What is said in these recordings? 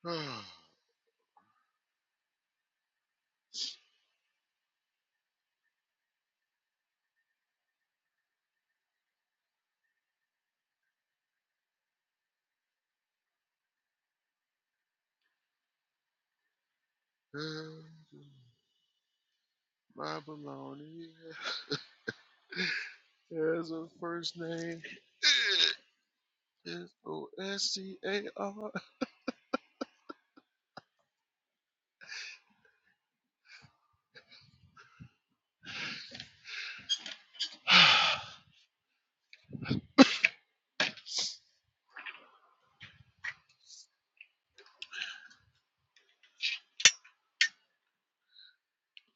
My baloney has a first name. It's O S C A R.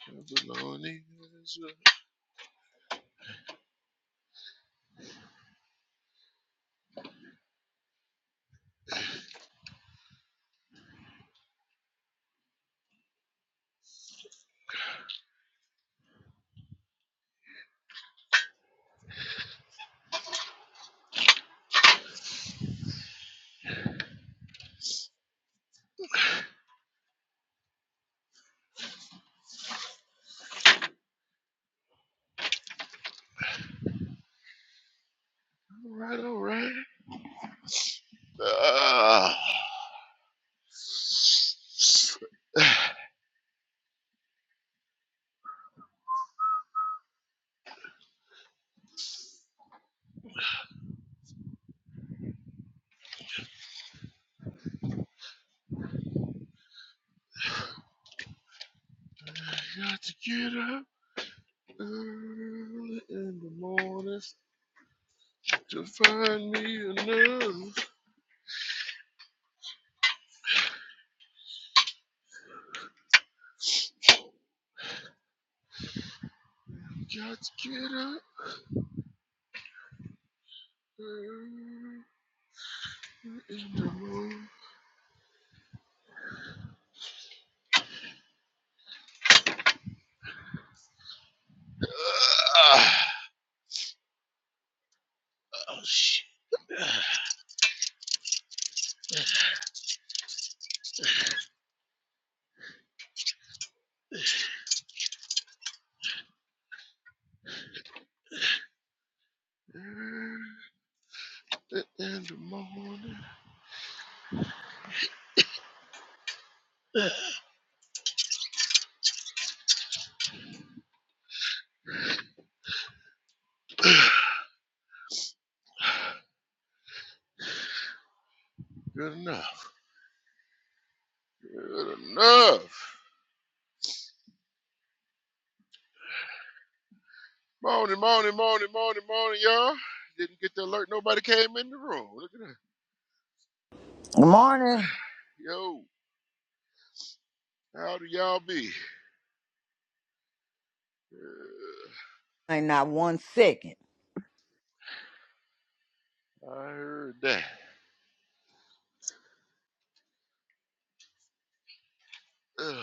My baloney has a. Alright, alright. Ah. I got to get up early in the morning to find me another. Got to get up early in the morning. Uh, Oh shit. In the morning. Good enough. Good enough. Morning, morning, morning, morning, morning, y'all. Didn't get the alert. Nobody came in the room. Look at that. Good morning. Yo, how do y'all be? Uh, And not one second. I heard that. Ugh.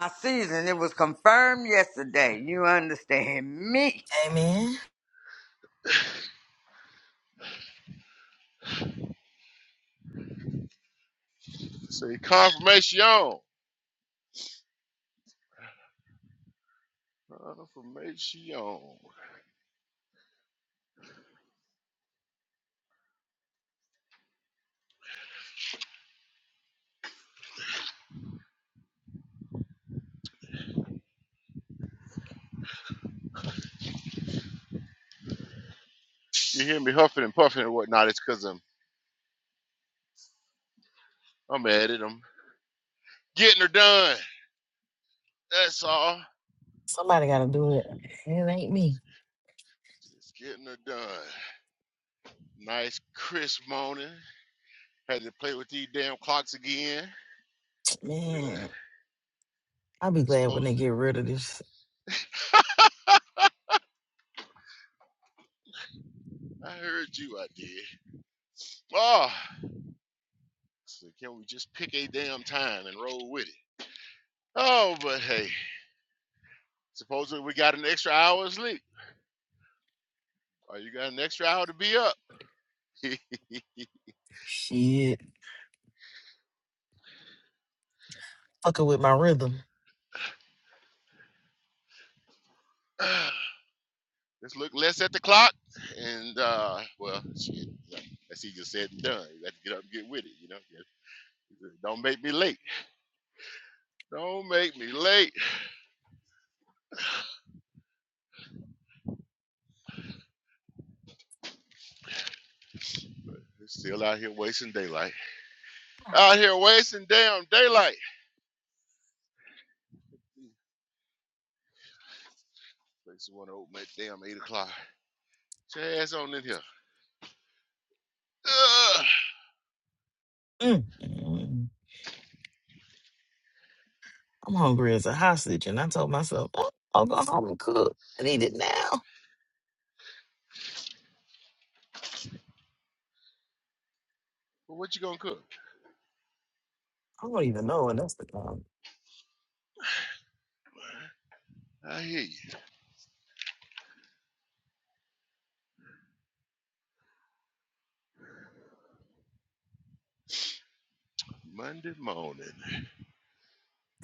My season, it was confirmed yesterday. You understand me. Amen. Say confirmation. Confirmation. You hear me huffing and puffing and whatnot? It's because I'm I'm at it. I'm getting her done. That's all. Somebody gotta do it. It ain't me. Just getting her done. Nice crisp morning. Had to play with these damn clocks again. You know, Man, I'll you know be glad when suppose they get rid of this I heard you, I did. Oh, so can we just pick a damn time and roll with it? Oh, but hey, supposedly we got an extra hour of sleep. Or you got an extra hour to be up. shit. Fucking with my rhythm. Let's look less at the clock and, uh, well, shit, yeah, that's easier said than done. You got to get up and get with it, you know? Don't make me late. Don't make me late. We're still out here wasting daylight. Out here wasting damn daylight. Places want to open at damn 8 o'clock. Get your ass on in here. Ugh. Mm. Mm. I'm hungry as a hostage, and I told myself, "Oh, I'll go home and cook. I need it now. But what you gonna cook? I don't even know when that's the time. I hear you. Monday morning.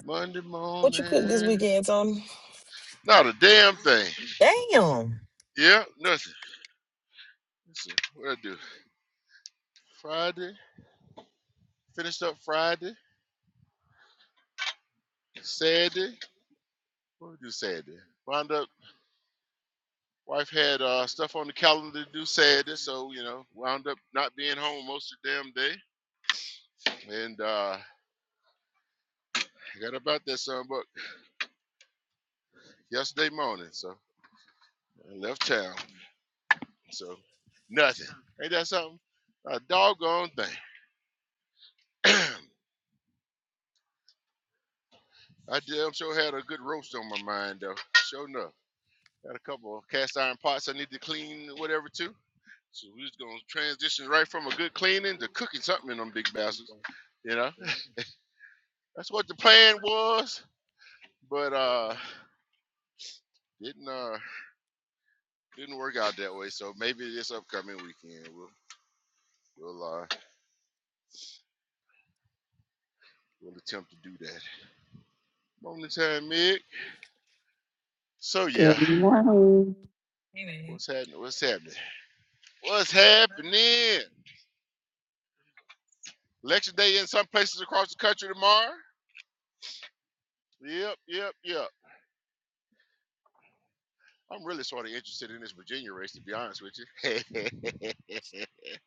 Monday What you cook this morning. weekend, Tony? Not a damn thing. Damn. Yeah, nothing. Let's see. What I do? Friday. Finished up Friday. Saturday. What we do Saturday? Wound up. Wife had uh, stuff on the calendar to do Saturday, so you know, wound up not being home most of the damn day. And uh, I got about that son, yesterday morning. So I left town. So nothing. Ain't that something? A doggone thing. I damn sure had a good roast on my mind though. Sure enough. Got a couple of cast iron pots I need to clean whatever too. So we was gonna transition right from a good cleaning to cooking something in them big bastards. You know? That's what the plan was. But uh didn't uh didn't work out that way. So maybe this upcoming weekend we'll we'll uh we'll attempt to do that. Morning time, Mick. So yeah, Good morning. Hey, man. what's happening? What's happening? What's happening? Election day in some places across the country tomorrow. Yep, yep, yep. I'm really sort of interested in this Virginia race, to be honest with you. but uh,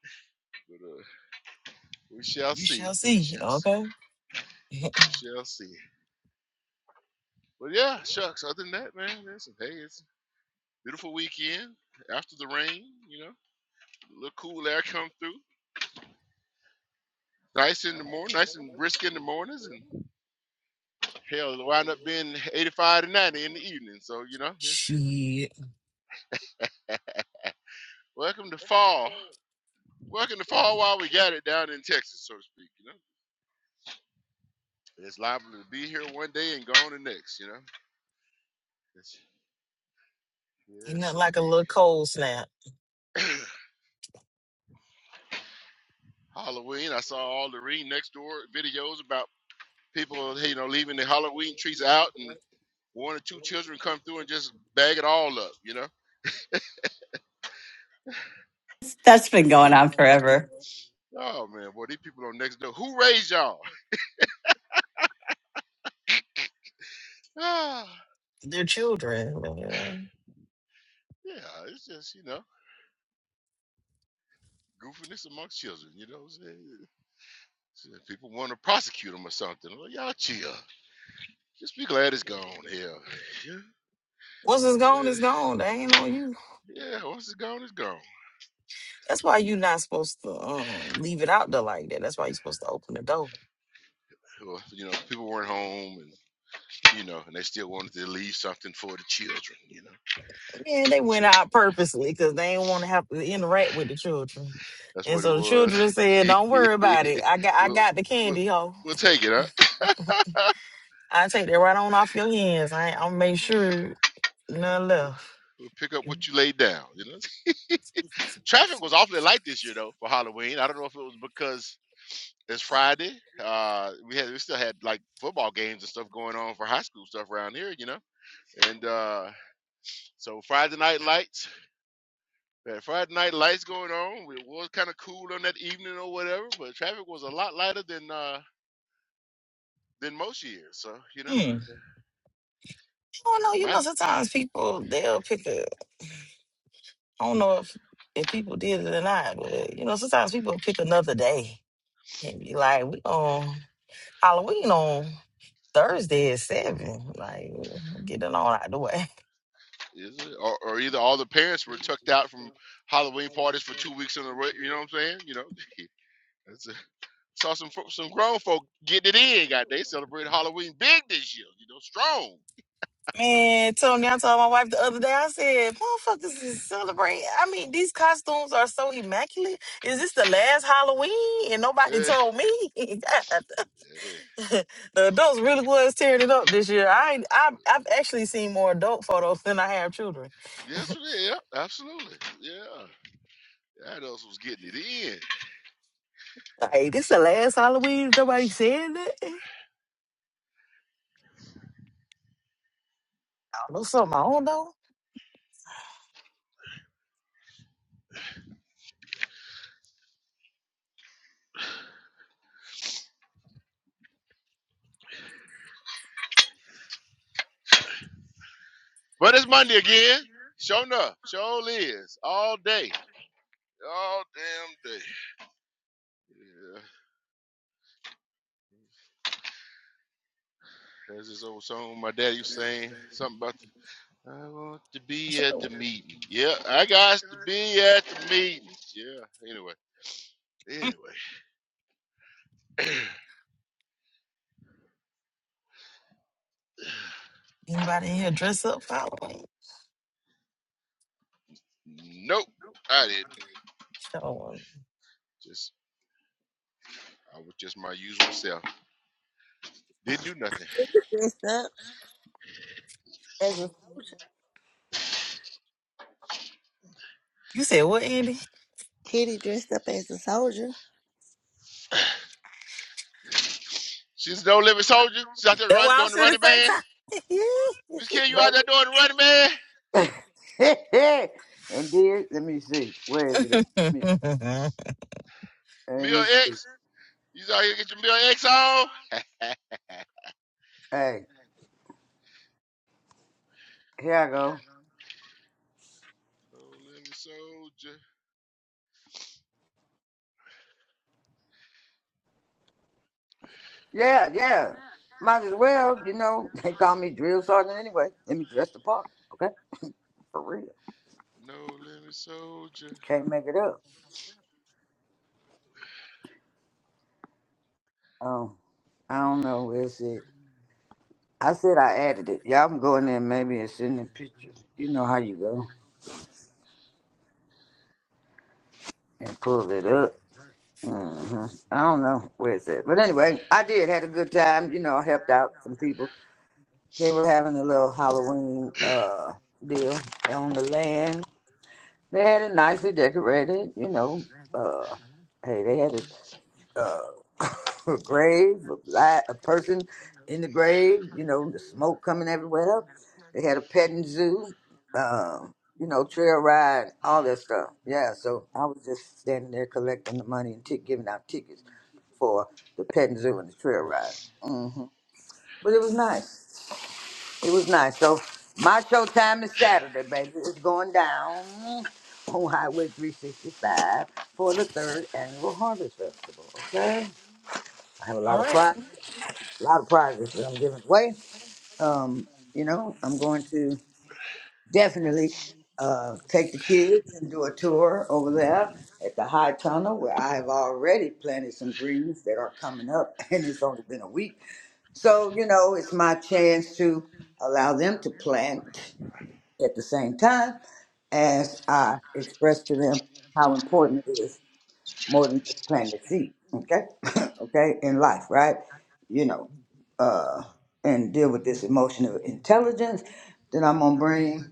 we shall You shall see. We see. shall see. Okay. We shall see. But yeah, shucks. Other than that, man, listen. Hey, it's a beautiful weekend after the rain. You know, a little cool air come through. Nice in the morning. Nice and brisk in the mornings, and Hell, it'll wind up being 85 to 90 in the evening. So, you know, it's Shit. welcome to fall. Welcome to fall while we got it down in Texas, so to speak, you know. It's liable to be here one day and gone the next, you know. It's, Ain't yes, nothing like a little indeed. cold snap. Halloween, I saw all the Ring Next Door videos about people, you know, leaving the Halloween trees out and one or two children come through and just bag it all up, you know. That's been going on forever. Oh, man, boy, these people on Next Door, who raised y'all? Ah, They're children. man. yeah, it's just, you know. goofiness amongst children. You know what I'm saying? So if people want to prosecute him or something. Well, y'all chill. Just be glad it's gone. Hell, yeah, Once it's gone, glad it's it- gone. They ain't on you. yeah. Once it's gone, it's gone. That's why you're not supposed to um, leave it out there like that. That's why you're supposed to open the door. Well, you know, people weren't home, and you know, and they still wanted to leave something for the children. You know, Yeah, to they the went children. out purposely because they didn't want to have to interact with the children. That's And what it so the was. children said, "Don't worry about it. I got I we'll, got the we'll candy, ho. we'll take it, huh? I take that right on off your hands. I I'll make sure none We'll left." we'll pick up what you laid down. You know, traffic was awfully light this year though for Halloween. I don't know if it was because It's Friday. Uh, we had we still had like football games and stuff going on for high school stuff around here, you know. And uh, so Friday night lights, we had Friday night lights going on. It was kind of cool on that evening or whatever, but traffic was a lot lighter than uh, than most years. So you know, Hmm. uh, I don't know. You my know, sometimes people they'll pick a. I don't know if if people did it or not, but you know, sometimes people pick another day and be like, "We on Halloween on Thursday at seven. Like, get it on out the way." is it, or, or either all the parents were tucked out from Halloween parties for two weeks in a row. You know what I'm saying? You know, that's a, saw some fo- some grown folk getting it in. Got they celebrated Halloween big this year. You know, strong. Man, Tony, I told my wife the other day. I said, "Motherfuckers is celebrating. I mean, these costumes are so immaculate. Is this the last Halloween and Eh, nobody told me?" Eh, the adults really was tearing it up this year. I ain't, I've, I've actually seen more adult photos than I have children. Yes, Yep, absolutely. Yeah. That us was getting it in. Like this So- the last Halloween. Nobody saying that. I don't know something. I don't know. But it's Monday again. Sure enough. Sure is. All day. All damn day. Yeah. There's this old song my daddy was saying. Something about the, I want to I be should at know. the meeting. Yeah, I got to be at the meeting. Yeah. Anyway. Anyway. Anybody in here dress up for Halloween? nope. I didn't. Sure. Just I was just my usual self. Didn't do nothing. dressed up as a soldier. You said what, Andy? Kitty dressed up as a soldier. She's no living soldier. She's out there That running why I doing was the at running man. Miss Kim, you out there doing the running man? baby? and then, let me see. Where is it at? the same Let me, time. let Mill me see. X? You out here get your Mill X on? Hey, here I go. no limit soldier. Yeah, yeah. Might as well, you know. They call me drill sergeant anyway. Let me dress the part, okay? For real. No limit soldier. Can't make it up. Um, I don't know. Is it? I said I added it. Yeah, I'm going in there maybe and sending pictures. You know how you go and pull it up. hmm I don't know where it's at. But anyway, I did had a good time. You know, I helped out some people. They were having a little Halloween uh deal on the land. They had it nicely decorated, you know. Uh hey, they had it uh, a grave, a, li- a person in the grave, you know, the smoke coming everywhere. They had a petting zoo, uh, you know, trail ride, all that stuff. Yeah, so I was just standing there collecting the money and t- giving out tickets for the petting zoo and the trail ride. hmm But it was nice. It was nice. So my show time is Saturday, baby. It's going down on Highway 365 for the third annual Harvest Festival. Okay? I have a lot All of right, prize, a lot of prizes that I'm giving away. Um, you know, I'm going to definitely uh, take the kids and do a tour over there at the High Tunnel, where I have already planted some greens that are coming up, and it's only been a week. So you know, it's my chance to allow them to plant at the same time as I express to them how important it is more than just planting the seed, okay? okay, in life, right? You know, uh, and deal with this emotional intelligence that I'm gonna bring,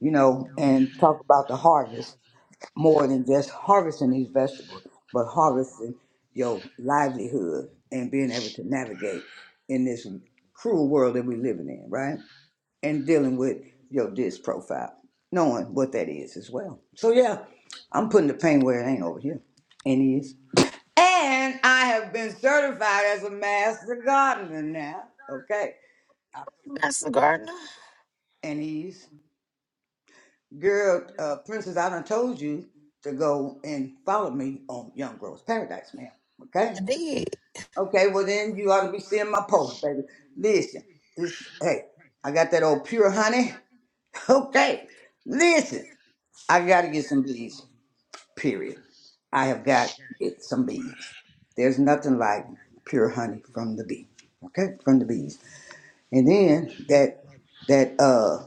you know, and talk about the harvest more than just harvesting these vegetables, but harvesting your livelihood and being able to navigate in this cruel world that we're living in, right? And dealing with your disc profile, knowing what that is as well. So yeah, I'm putting the pain where it ain't over here. And it is. And I have been certified as a master gardener now. Okay. Master Gardener. And these girl, uh, Princess, I done told you to go and follow me on Young Girls Paradise, ma'am. Okay. I did. Okay. Well, then you ought to be seeing my post, baby. Listen, this, hey, I got that old pure honey. Okay. Listen, I got to get some bees, period. I have got to get some bees. There's nothing like pure honey from the bee. Okay. From the bees. And then that that uh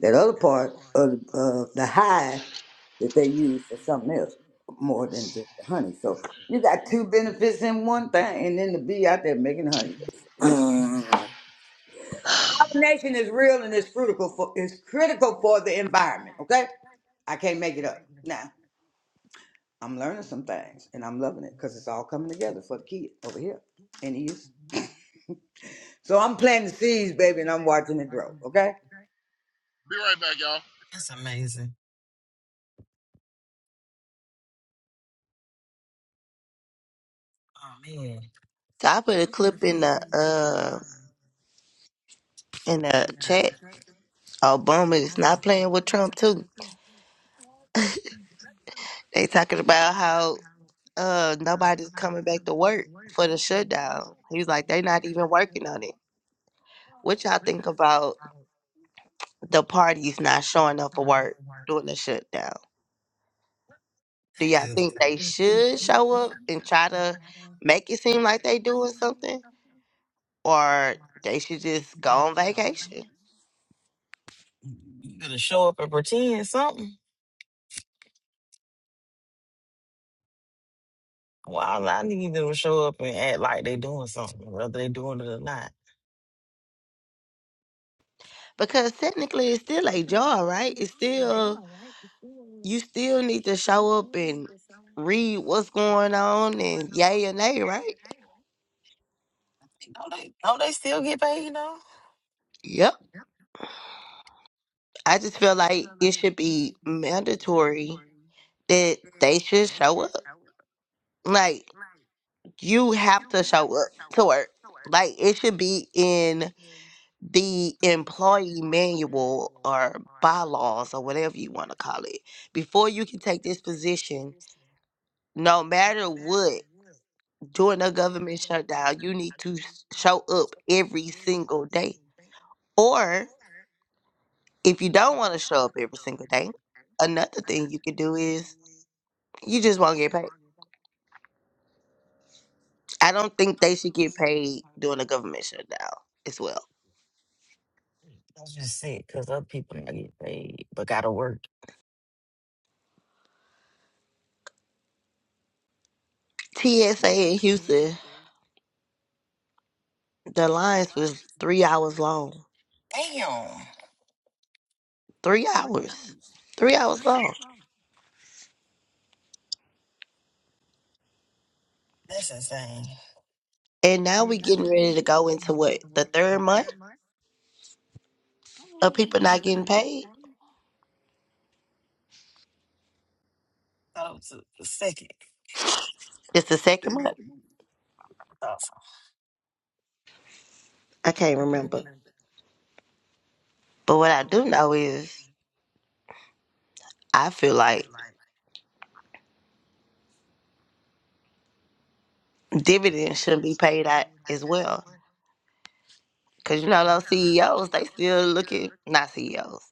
that other part of uh, the hive that they use for something else more than just the honey. So you got two benefits in one thing, and then the bee out there making honey. Pollination is real and it's critical for it's critical for the environment. Okay, I can't make it up. Now I'm learning some things, and I'm loving it because it's all coming together for the kid over here in the east. So I'm planting seeds, baby, and I'm watching it grow. Okay. Be right back, y'all. That's amazing. Oh man. So I put a clip in the uh in the chat. Obama is not playing with Trump too. They talking about how uh nobody's coming back to work for the shutdown. He's like they're not even working on it. What y'all think about the parties not showing up for work during the shutdown? Do y'all think they should show up and try to make it seem like they doing something, or they should just go on vacation? You gonna show up and pretend something? Well, all I need them to show up and act like they doing something, whether they doing it or not. Because technically it's still a job, right? It's still you still need to show up and read what's going on and yay and nay, right? Don't they, don't they still get paid, though? Yep. I just feel like it should be mandatory that they should show up. Like you have to show up to work. Like it should be in the employee manual or bylaws or whatever you want to call it. Before you can take this position, no matter what during a government shutdown, you need to s- show up every single day. Or if you don't want to show up every single day, another thing you could do is you just won't get paid. I don't think they should get paid during a government shutdown as well. That's just sick, because other people not get paid, but gotta work. TSA in Houston, the lines was three hours long. Damn, Three hours. Three hours long. that's insane. And now we getting ready to go into what? The third month of people not getting paid? thought it was a, a second. It's the second month? I thought so. I can't remember. But what I do know is I feel like dividends shouldn't be paid out as well. Cause you know those CEOs, they still looking not CEOs.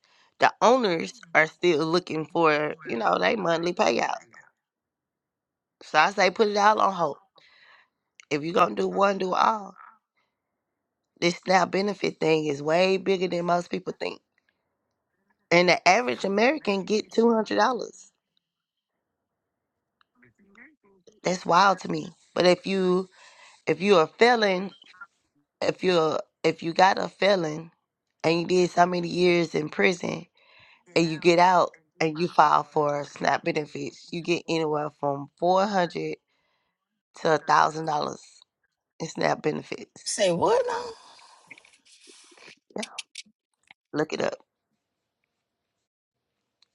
The owners are still looking for, you know, they monthly payout. So I say put it all on hold. If you're gonna do one, do all. This now benefit thing is way bigger than most people think. And the average American get two hundred dollars. That's wild to me. But if you if you're a felon, if you're if you got a felon and you did so many years in prison and you get out and you file for SNAP benefits, you get anywhere from four hundred to a thousand dollars in SNAP benefits. Say what now? Yeah, look it up.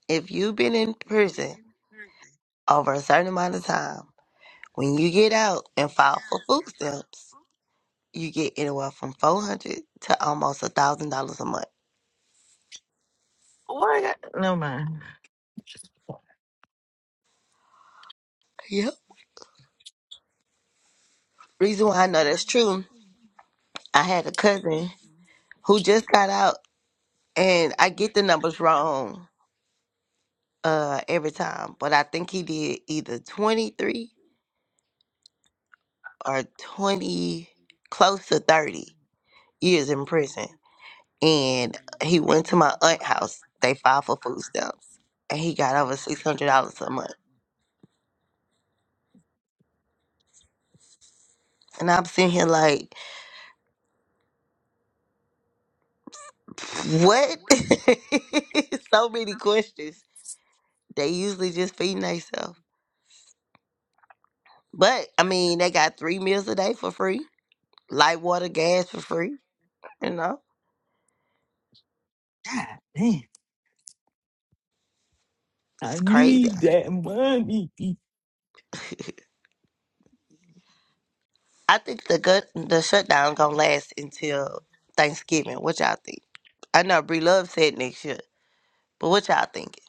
If you've been in prison over a certain amount of time, when you get out and file for food stamps, you get anywhere from four hundred to almost a thousand dollars a month. What? I got- Never mind. Yep. Reason why I know that's true, I had a cousin who just got out, and I get the numbers wrong uh every time, but I think he did either 23 or 20 close to 30 years in prison. And he went to my aunt house. They filed for food stamps and he got over $600 a month. And I'm sitting here like, what? so many questions. They usually just feeding themselves. But I mean, they got three meals a day for free, light water, gas for free, you know? It's crazy. I think the gut the shutdown gonna last until Thanksgiving. What y'all think? I know Bree Love said next year, but what y'all thinking?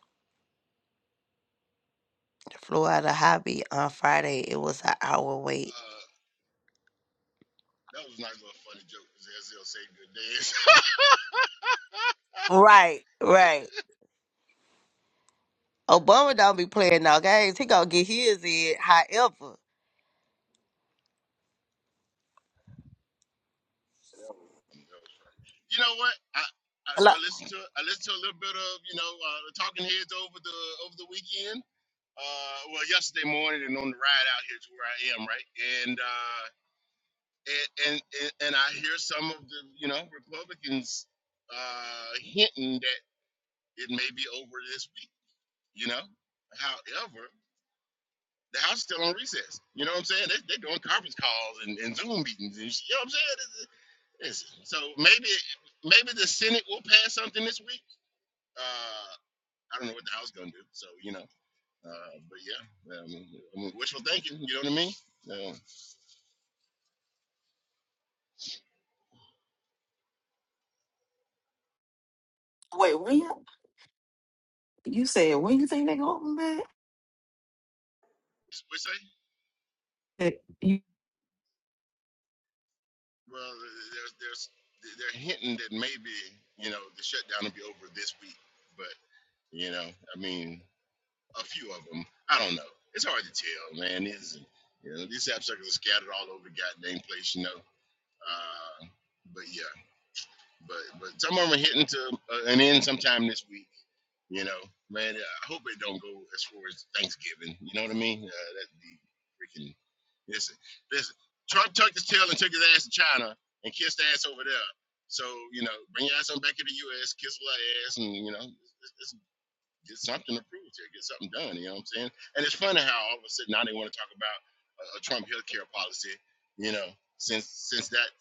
Flew out of hobby on Friday. It was an hour wait. Uh, that was not a funny joke because SL saved good days. Right, right. Obama don't be playing no games. He gonna get his in. However, you know what? I, I so I listened to it. I listened to a little bit of you know uh, the Talking Heads over the over the weekend. Uh, well, yesterday morning and on the ride out here to where I am, right? And uh, and and, and I hear some of the you know Republicans uh, hinting that it may be over this week. You know, however, the House is still on recess. You know what I'm saying? They, they're doing conference calls and, and Zoom meetings, and sh- you know what I'm saying? It's- it's- so maybe maybe the Senate will pass something this week. Uh, I don't know what the House is gonna do. So you know, uh, but yeah, I mean, I mean, wishful thinking. You know what I mean? Uh, Wait, when? You said when you think they gonna open what you say? back? Well, there's there's they're hinting that maybe you know the shutdown will be over this week, but you know, I mean, a few of them. I don't know. It's hard to tell, man. Is you know these app suckers are scattered all over the goddamn place, you know. Uh, but yeah. But but some of them are hitting to uh, an end sometime this week. You know, man, I hope it don't go as far as Thanksgiving. You know what I mean? Uh, that'd be freaking. Listen, listen. Trump tucked his tail and took his ass to China and kissed ass over there. So you know, bring your ass on back to the U.S., kiss a lot of ass, and you know, let's- let's get something approved here, get something done. You know what I'm saying? And it's funny how all of a sudden now they want to talk about a, a Trump healthcare policy. You know, since since that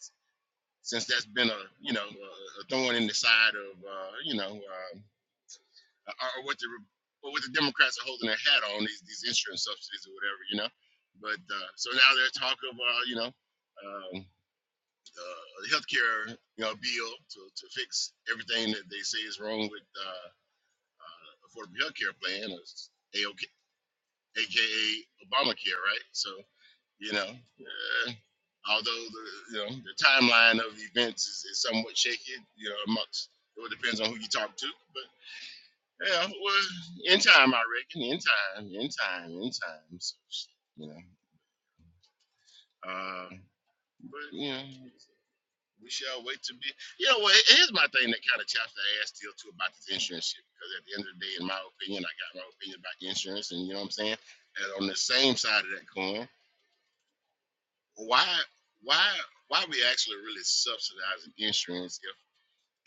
since that's been a you know a thorn in the side of uh, you know uh, or what the or what the Democrats are holding their hat on these these insurance subsidies or whatever you know. But uh, so now there's talk of uh, you know um, uh, the healthcare you know bill to, to fix everything that they say is wrong with uh, affordable healthcare plan or A O K, aka Obamacare, right? So you know, uh, although the you know the timeline of events is, is somewhat shaky, you know, amongst it all depends on who you talk to, but yeah, well, in time, I reckon, in time, in time, in time, so, you know, uh, but you know. We shall wait to be. You know what? Here's my thing that kind of chaps the ass still too about this insurance shit. Because at the end of the day, in my opinion, I got my opinion about the insurance, and you know what I'm saying. And on the same side of that coin, why why why we actually really subsidizing insurance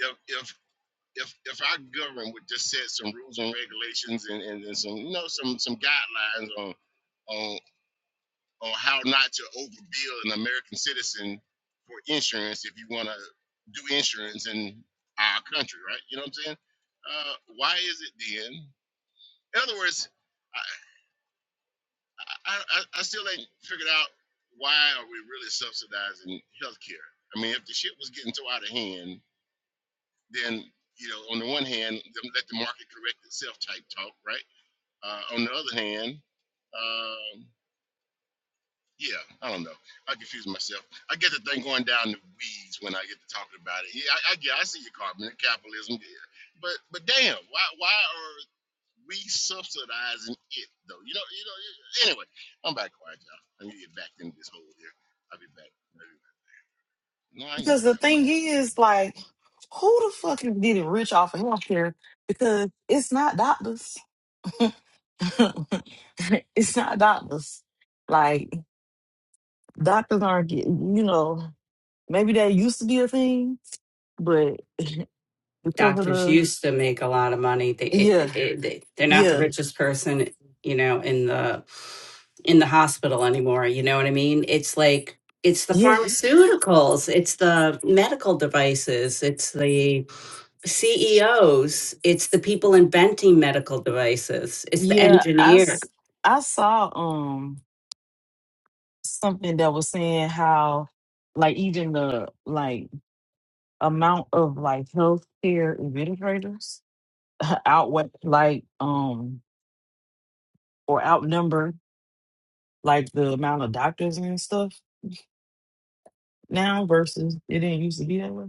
if if if if, if our government would just set some rules and regulations and, and, and some you know some some guidelines on on on how not to overbill an American citizen for insurance if you want to do insurance in our country, right? You know what I'm saying? Uh, why is it then? In other words, I, I, I, I still ain't figured out why are we really subsidizing healthcare. I mean, if the shit was getting so out of hand, then you know, on the one hand, let the market correct itself type talk, right? Uh, on the other hand, um, yeah, I don't know. I confuse myself. I get the thing going down the weeds when I get to talking about it. Yeah, I, I get. I see your carbon capitalism, yeah. but but damn, why why are we subsidizing it though. You know, you know. Anyway, I'm back quiet, y'all. Let me get back into this hole here. I'll be back. I'll be back. No, I ain't Because the thing driving is, like, who the fuck is getting rich off of healthcare? Because it's not doctors. it's not doctors. Like, doctors aren't getting, you know, maybe that used to be a thing, but because of Doctors the, used to make a lot of money. They, it, yeah, it, they they're not the yeah, richest person, you know, in the in the hospital anymore. You know what I mean? It's like it's the yeah. pharmaceuticals, it's the medical devices, it's the CEOs, it's the people inventing medical devices, it's the Yeah, I, engineer. s- I saw um something that was saying how like even the like amount of like healthcare administrators outweigh like um or outnumber like the amount of doctors and stuff now versus it didn't used to be that way.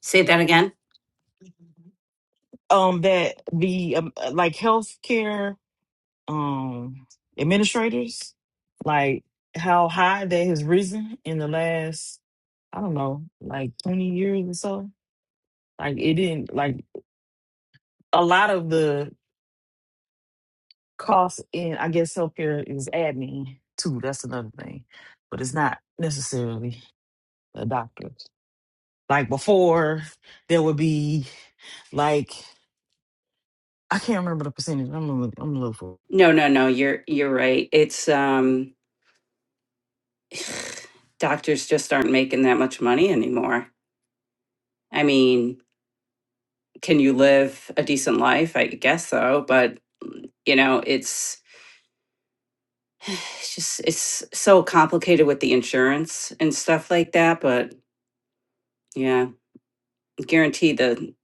Say that again? Um, that the um, uh, like healthcare um administrators like how high that has risen in the last I don't know, like 20 years or so. Like it didn't like a lot of the costs in I guess healthcare is admin too. That's another thing. But it's not necessarily the doctors. Like before there would be like I can't remember the percentage. I'm gonna look I'm gonna look for it. No, no, no. You're you're right. It's um. doctors just aren't making that much money anymore. I mean, can you live a decent life? I guess so, but you know, it's it's just it's so complicated with the insurance and stuff like that, but yeah, guarantee the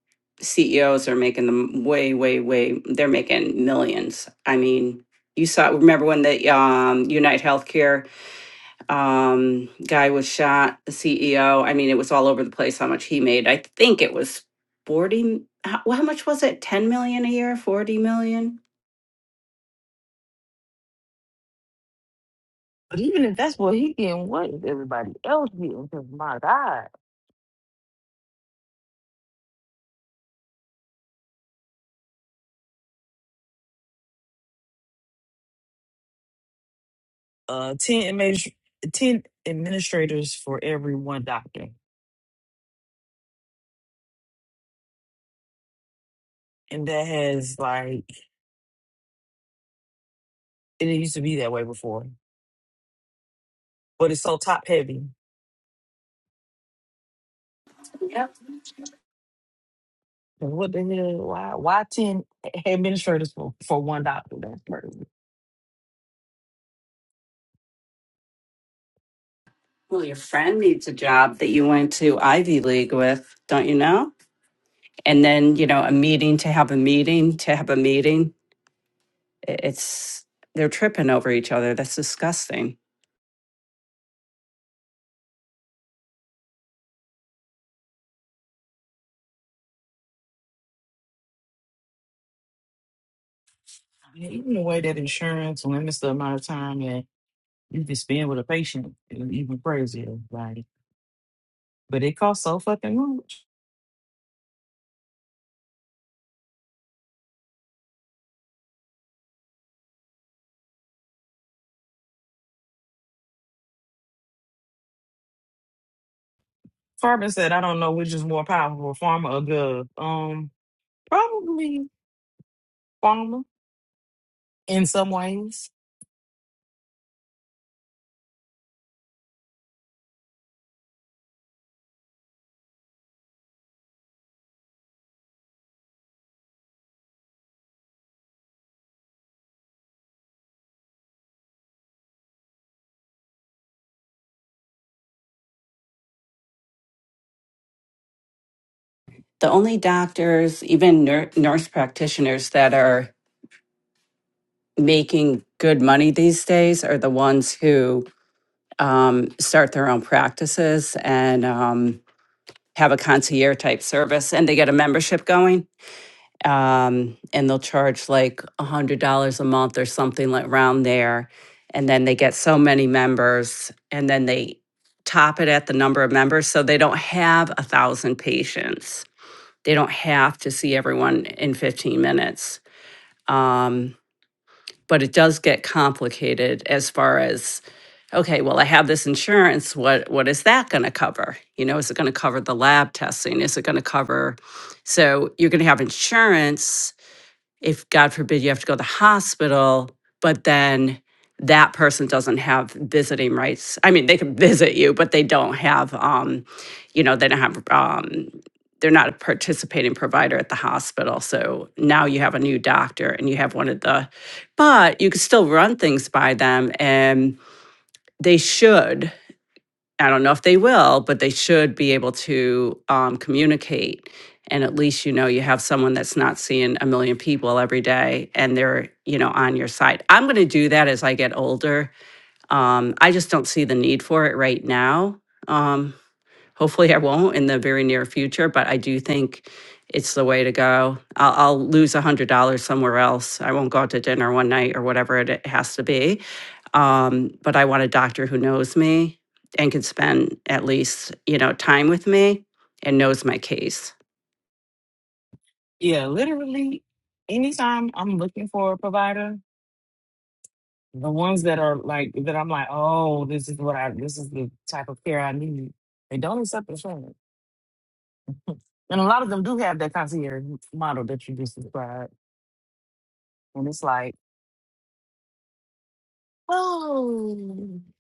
CEOs are making them way way way they're making millions. I mean, you saw remember when the um Unite Healthcare um guy was shot the ceo i mean it was all over the place how much he made i think it was 40 how, how much was it 10 million a year 40 million But even if that's what he getting, what is everybody else getting? Because my God. Uh ten admin- ten administrators for every one doctor. And that has like And It used to be that way before, but it's so top heavy. yep And What the hell? Why? Why ten administrators for for one doctor? That's crazy. well your friend needs a job that you went to ivy league with don't you know and then you know a meeting to have a meeting to have a meeting I- it's they're tripping over each other that's disgusting Yeah, Even the way that insurance limits the amount of time that you can spend with a patient is even crazier. Like, but it costs so fucking much. Farmer said, "I don't know which is more powerful, pharma or gov." Um, probably pharma in some ways. the only doctors, even nur- nurse practitioners that are making good money these days are the ones who um, start their own practices and um, have a concierge type service and they get a membership going. Um, and they'll charge like $100 a month or something like around there. And then they get so many members and then they top it at the number of members. So they don't have a thousand patients They don't have to see everyone in 15 minutes. Um, but it does get complicated as far as okay, well, I have this insurance. What what is that going to cover? You know, is it going to cover the lab testing? Is it going to cover? So you're going to have insurance if God forbid you have to go to the hospital, but then that person doesn't have visiting rights. I mean, they can visit you, but they don't have, um, you know, they don't have, um, they're not a participating provider at the hospital. So now you have a new doctor and you have one of the, but you can still run things by them and they should. I don't know if they will, but they should be able to um, communicate. And at least you know you have someone that's not seeing a million people every day, and they're you know on your side. I'm going to do that as I get older. Um, I just don't see the need for it right now. Um, hopefully, I won't in the very near future, but I do think it's the way to go. I'll, I'll lose a hundred dollars somewhere else. I won't go out to dinner one night or whatever it it has to be um, but I want a doctor who knows me and can spend at least you know time with me and knows my case. Yeah, literally. Anytime I'm looking for a provider, The ones that are like that, I'm like, oh, this is what I, this is the type of care I need. They don't accept insurance, and a lot of them do have that concierge model that you just described, and it's like, oh, you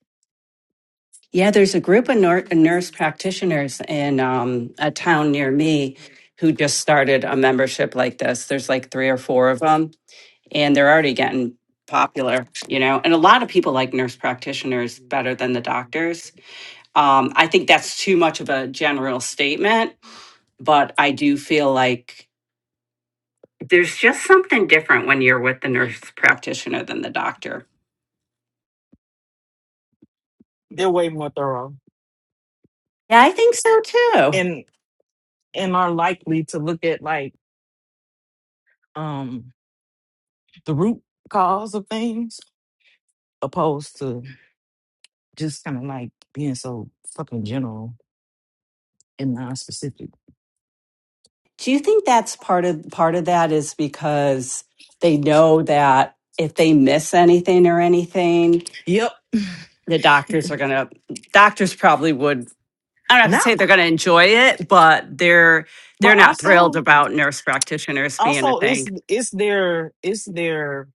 Yeah, there's a don't have to group of do nur- anything else. nurse practitioners in um, a town near me who just started a membership like this. There's like three or four of them, and they're already getting popular, you know. And a lot of people like nurse practitioners better than the doctors. Um, I think that's too much of a general statement, but I do feel like there's just something different when you're with the nurse practitioner than the doctor. They're way more thorough Yeah, I think so too. and and are likely to look at like um the root cause of things opposed to just kind of like being so fucking general and non-specific Do you think that's part of part of that is because they know that if they miss anything or anything, yep the doctors are gonna doctors probably would I'm not gonna now say they're gonna enjoy it, but they're they're but not thrilled also about nurse practitioners being a also thing. it's it's their it's their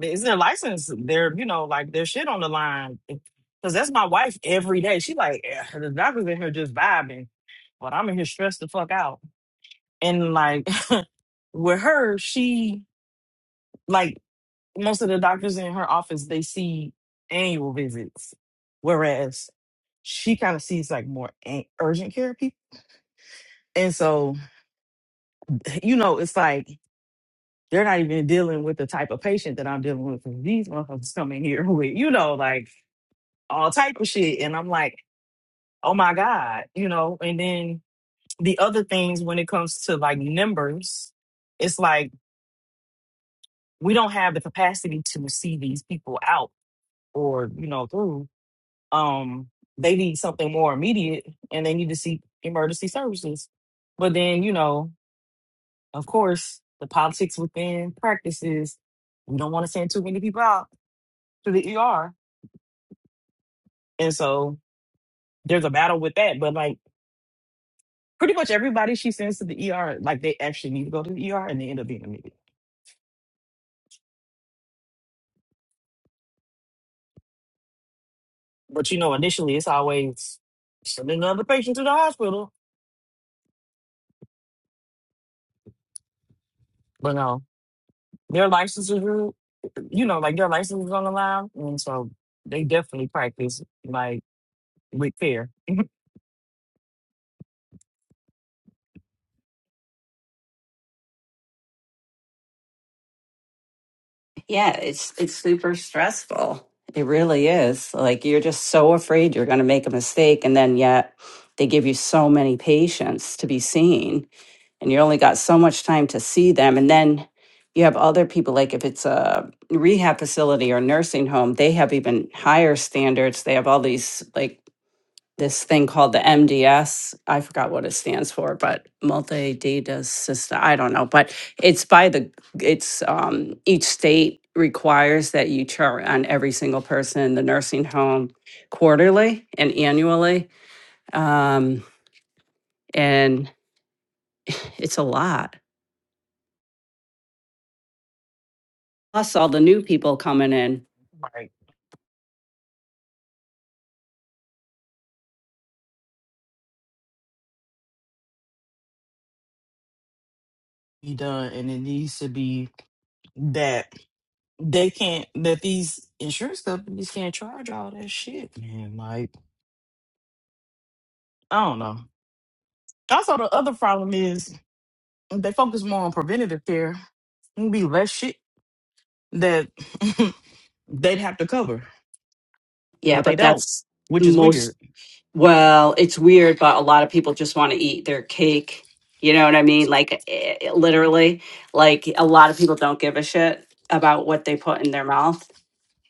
it's their license their you know like their shit on the line because that's my wife every day she like "Eh, the doctor's in here just vibing but i'm in here stressed the fuck out and like with her she like most of the doctors in her office they see annual visits, whereas she kind of sees like more an- urgent care people. And so, you know, it's like they're not even dealing with the type of patient that I'm dealing with. 'Cause these motherfuckers come in here with, you know, like all type of shit. And I'm like, oh my God, you know. And then the other things when it comes to like numbers, it's like we don't have the capacity to see these people out or, you know, through. um they need something more immediate and they need to seek emergency services but then you know of course the politics within practice is we don't want to send too many people out to the er and so there's a battle with that but like pretty much everybody she sends to the er like they actually need to go to the er and they end up being admitted but you know initially it's always sending another patient to the hospital but no Their licenses were, you know, like their license was on the line, and so they definitely practice like with fear. Yeah, it's it's super stressful. It really is. Like you're just so afraid you're going to make a mistake and then yet they give you so many patients to be seen and you only got so much time to see them and then you have other people like if it's a rehab facility or nursing home, they have even higher standards. They have all these like this thing called the MDS. I forgot what it stands for, but multi data system. I don't know, but it's by the it's um, each state requires that you chart on every single person in the nursing home quarterly and annually, um, and it's a lot. Plus all the new people coming in. Right. Be done, and it needs to be that they can't that these insurance companies can't charge all that shit, man. Like I don't know. Also, the other problem is they focus more on preventative care. It'd be less shit that they'd have to cover, Yeah, but they but don't, that's which is most weird. Well, it's weird, but a lot of people just want to eat their cake. You know what I mean? Like eh, eh, literally, like a lot of people don't give a shit about what they put in their mouth.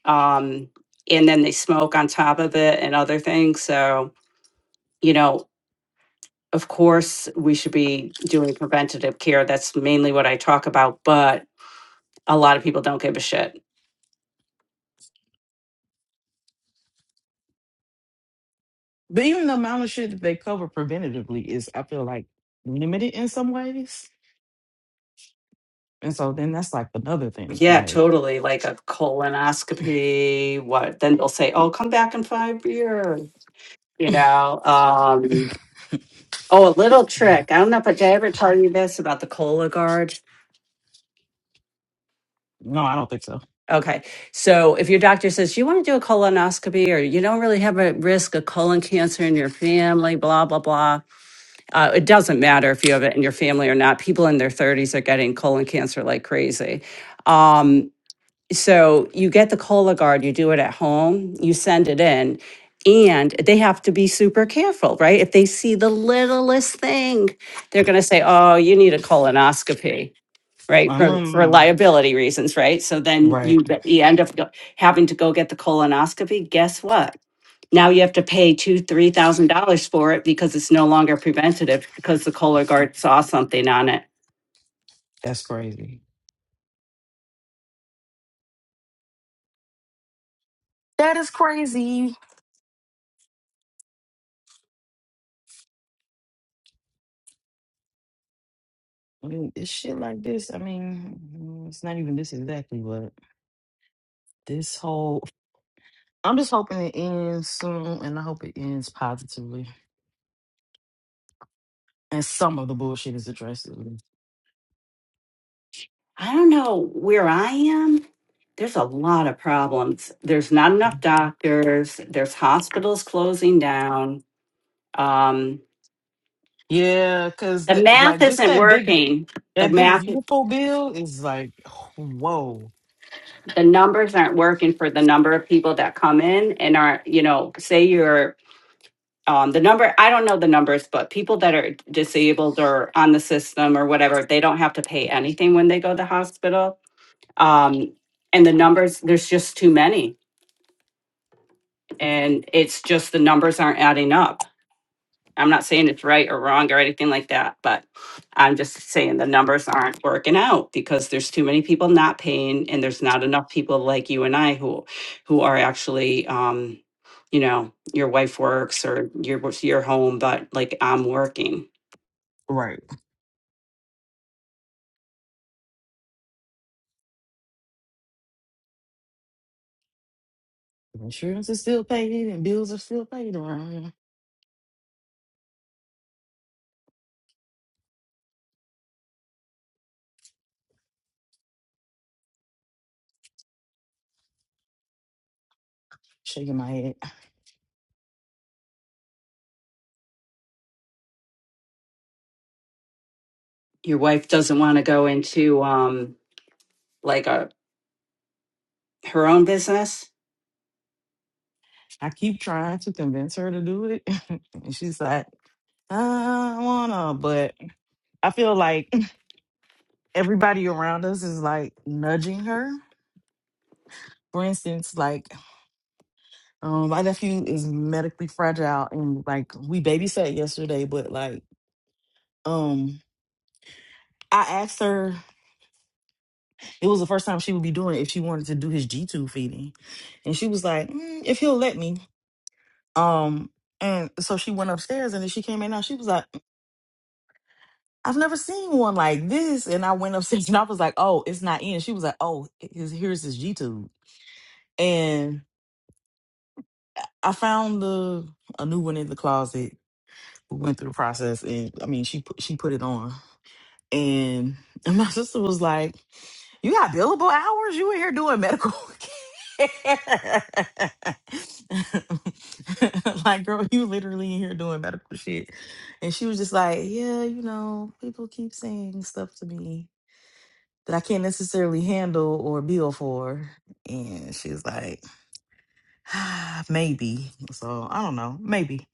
Um, and then they smoke on top of it and other things. So, you know, of course, we should be doing preventative care. That's mainly what I talk about, but a lot of people don't give a shit. But even the amount of shit that they cover preventatively is, I feel like, limited in some ways. And so then that's like another thing. Yeah, Like, totally. Like a colonoscopy. What? Then they'll say, "Oh, come back in five years." You know. Um, oh, a little trick. I don't know if I did I ever tell you this about the Cologuard. no, I don't think so. Okay, so if your doctor says you want to do a colonoscopy or you don't really have a risk of colon cancer in your family, blah blah blah, uh, it doesn't matter if you have it in your family or not. People in their thirties are getting colon cancer like crazy. Um, So you get the Cologuard, you do it at home, you send it in, and they have to be super careful, right? If they see the littlest thing, they're going to say, "Oh, you need a colonoscopy." Right for, for Um, liability reasons, right? So then you right. be- you end up go- having to go get the colonoscopy. Guess what? Now you have to pay two three thousand dollars for it because it's no longer preventative because the Cologuard saw something on it. That's crazy. That is crazy. I mean, it's shit like this. I mean, mm, it's not even this exactly, but this whole. I'm just hoping it ends soon and I hope it ends positively. And some of the bullshit is addressed. I don't know where I am. There's a lot of problems. There's not enough doctors. There's hospitals closing down. Um, Yeah, cause the math like just isn't that big, working. The that big math, beautiful bill is like, whoa, the numbers aren't working for the number of people that come in and are, you know, say you're um, the number. I don't know the numbers, but people that are disabled or on the system or whatever, they don't have to pay anything when they go to the hospital. Um, and the numbers, there's just too many and it's just the numbers aren't adding up. I'm not saying it's right or wrong or anything like that, but I'm just saying the numbers aren't working out because there's too many people not paying, and there's not enough people like you and I who, who are actually, um, you know, your wife works or your your home, but like I'm working. right? Insurance is still paid and bills are still paid around here. Shaking my head, Your wife doesn't want to go into um like a her own business. I keep trying to convince her to do it, and she's like, I wanna. But I feel like everybody around us is like nudging her. For instance, like um, my nephew is medically fragile, and like we babysat yesterday, but like um, I asked her. It was the first time she would be doing it if she wanted to do his g tube feeding. And she was like, "Mm, if he'll let me. Um, and so she went upstairs and then she came in Now she was like, I've never seen one like this. And I went upstairs and I was like, oh, it's not in. She was like, oh, here's here's his g tube," And I found the a new one in the closet. We went through the process and I mean, she put, she put it on. And, and my sister was like, You got billable hours? You in here doing medical care. like, girl, you literally in here doing medical shit. And she was just like, Yeah, you know, people keep saying stuff to me that I can't necessarily handle or bill for. And she's like, "Ah, Maybe. So I don't know. Maybe.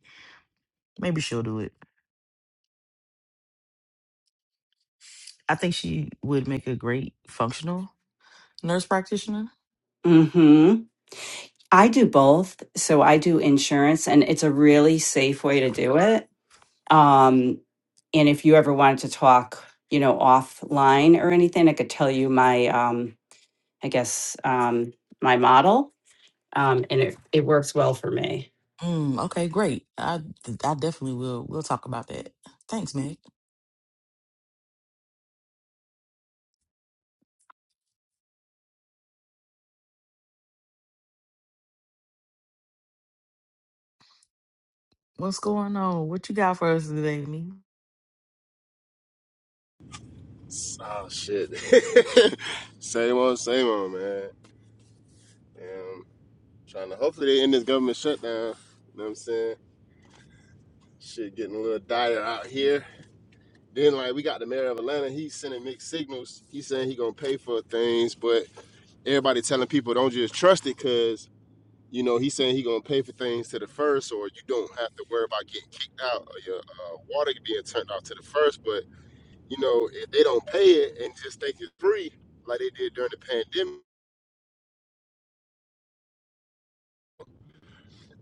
Maybe she'll do it. I think she would make a great functional nurse practitioner Mm-hmm. I do both, so I do insurance, and it's a really safe way to do it Um, and if you ever wanted to talk, you know, offline or anything, I could tell you my, um, I guess, um, my model. Um, and it, it works well for me. Mm, okay, great. I I definitely will. We'll talk about that. Thanks, Meg. What's going on? What you got for us today, me? Oh shit. same old, same old, man. And trying to hopefully they end this government shutdown. You know what I'm saying? Shit getting a little dire out here. Then like we got the mayor of Atlanta, he's sending mixed signals. He's saying he gonna pay for things, but everybody telling people don't just trust it because you know he's saying he gonna pay for things to the first, or you don't have to worry about getting kicked out or your uh, water being turned off to the first. But you know if they don't pay it and just think it's free, like they did during the pandemic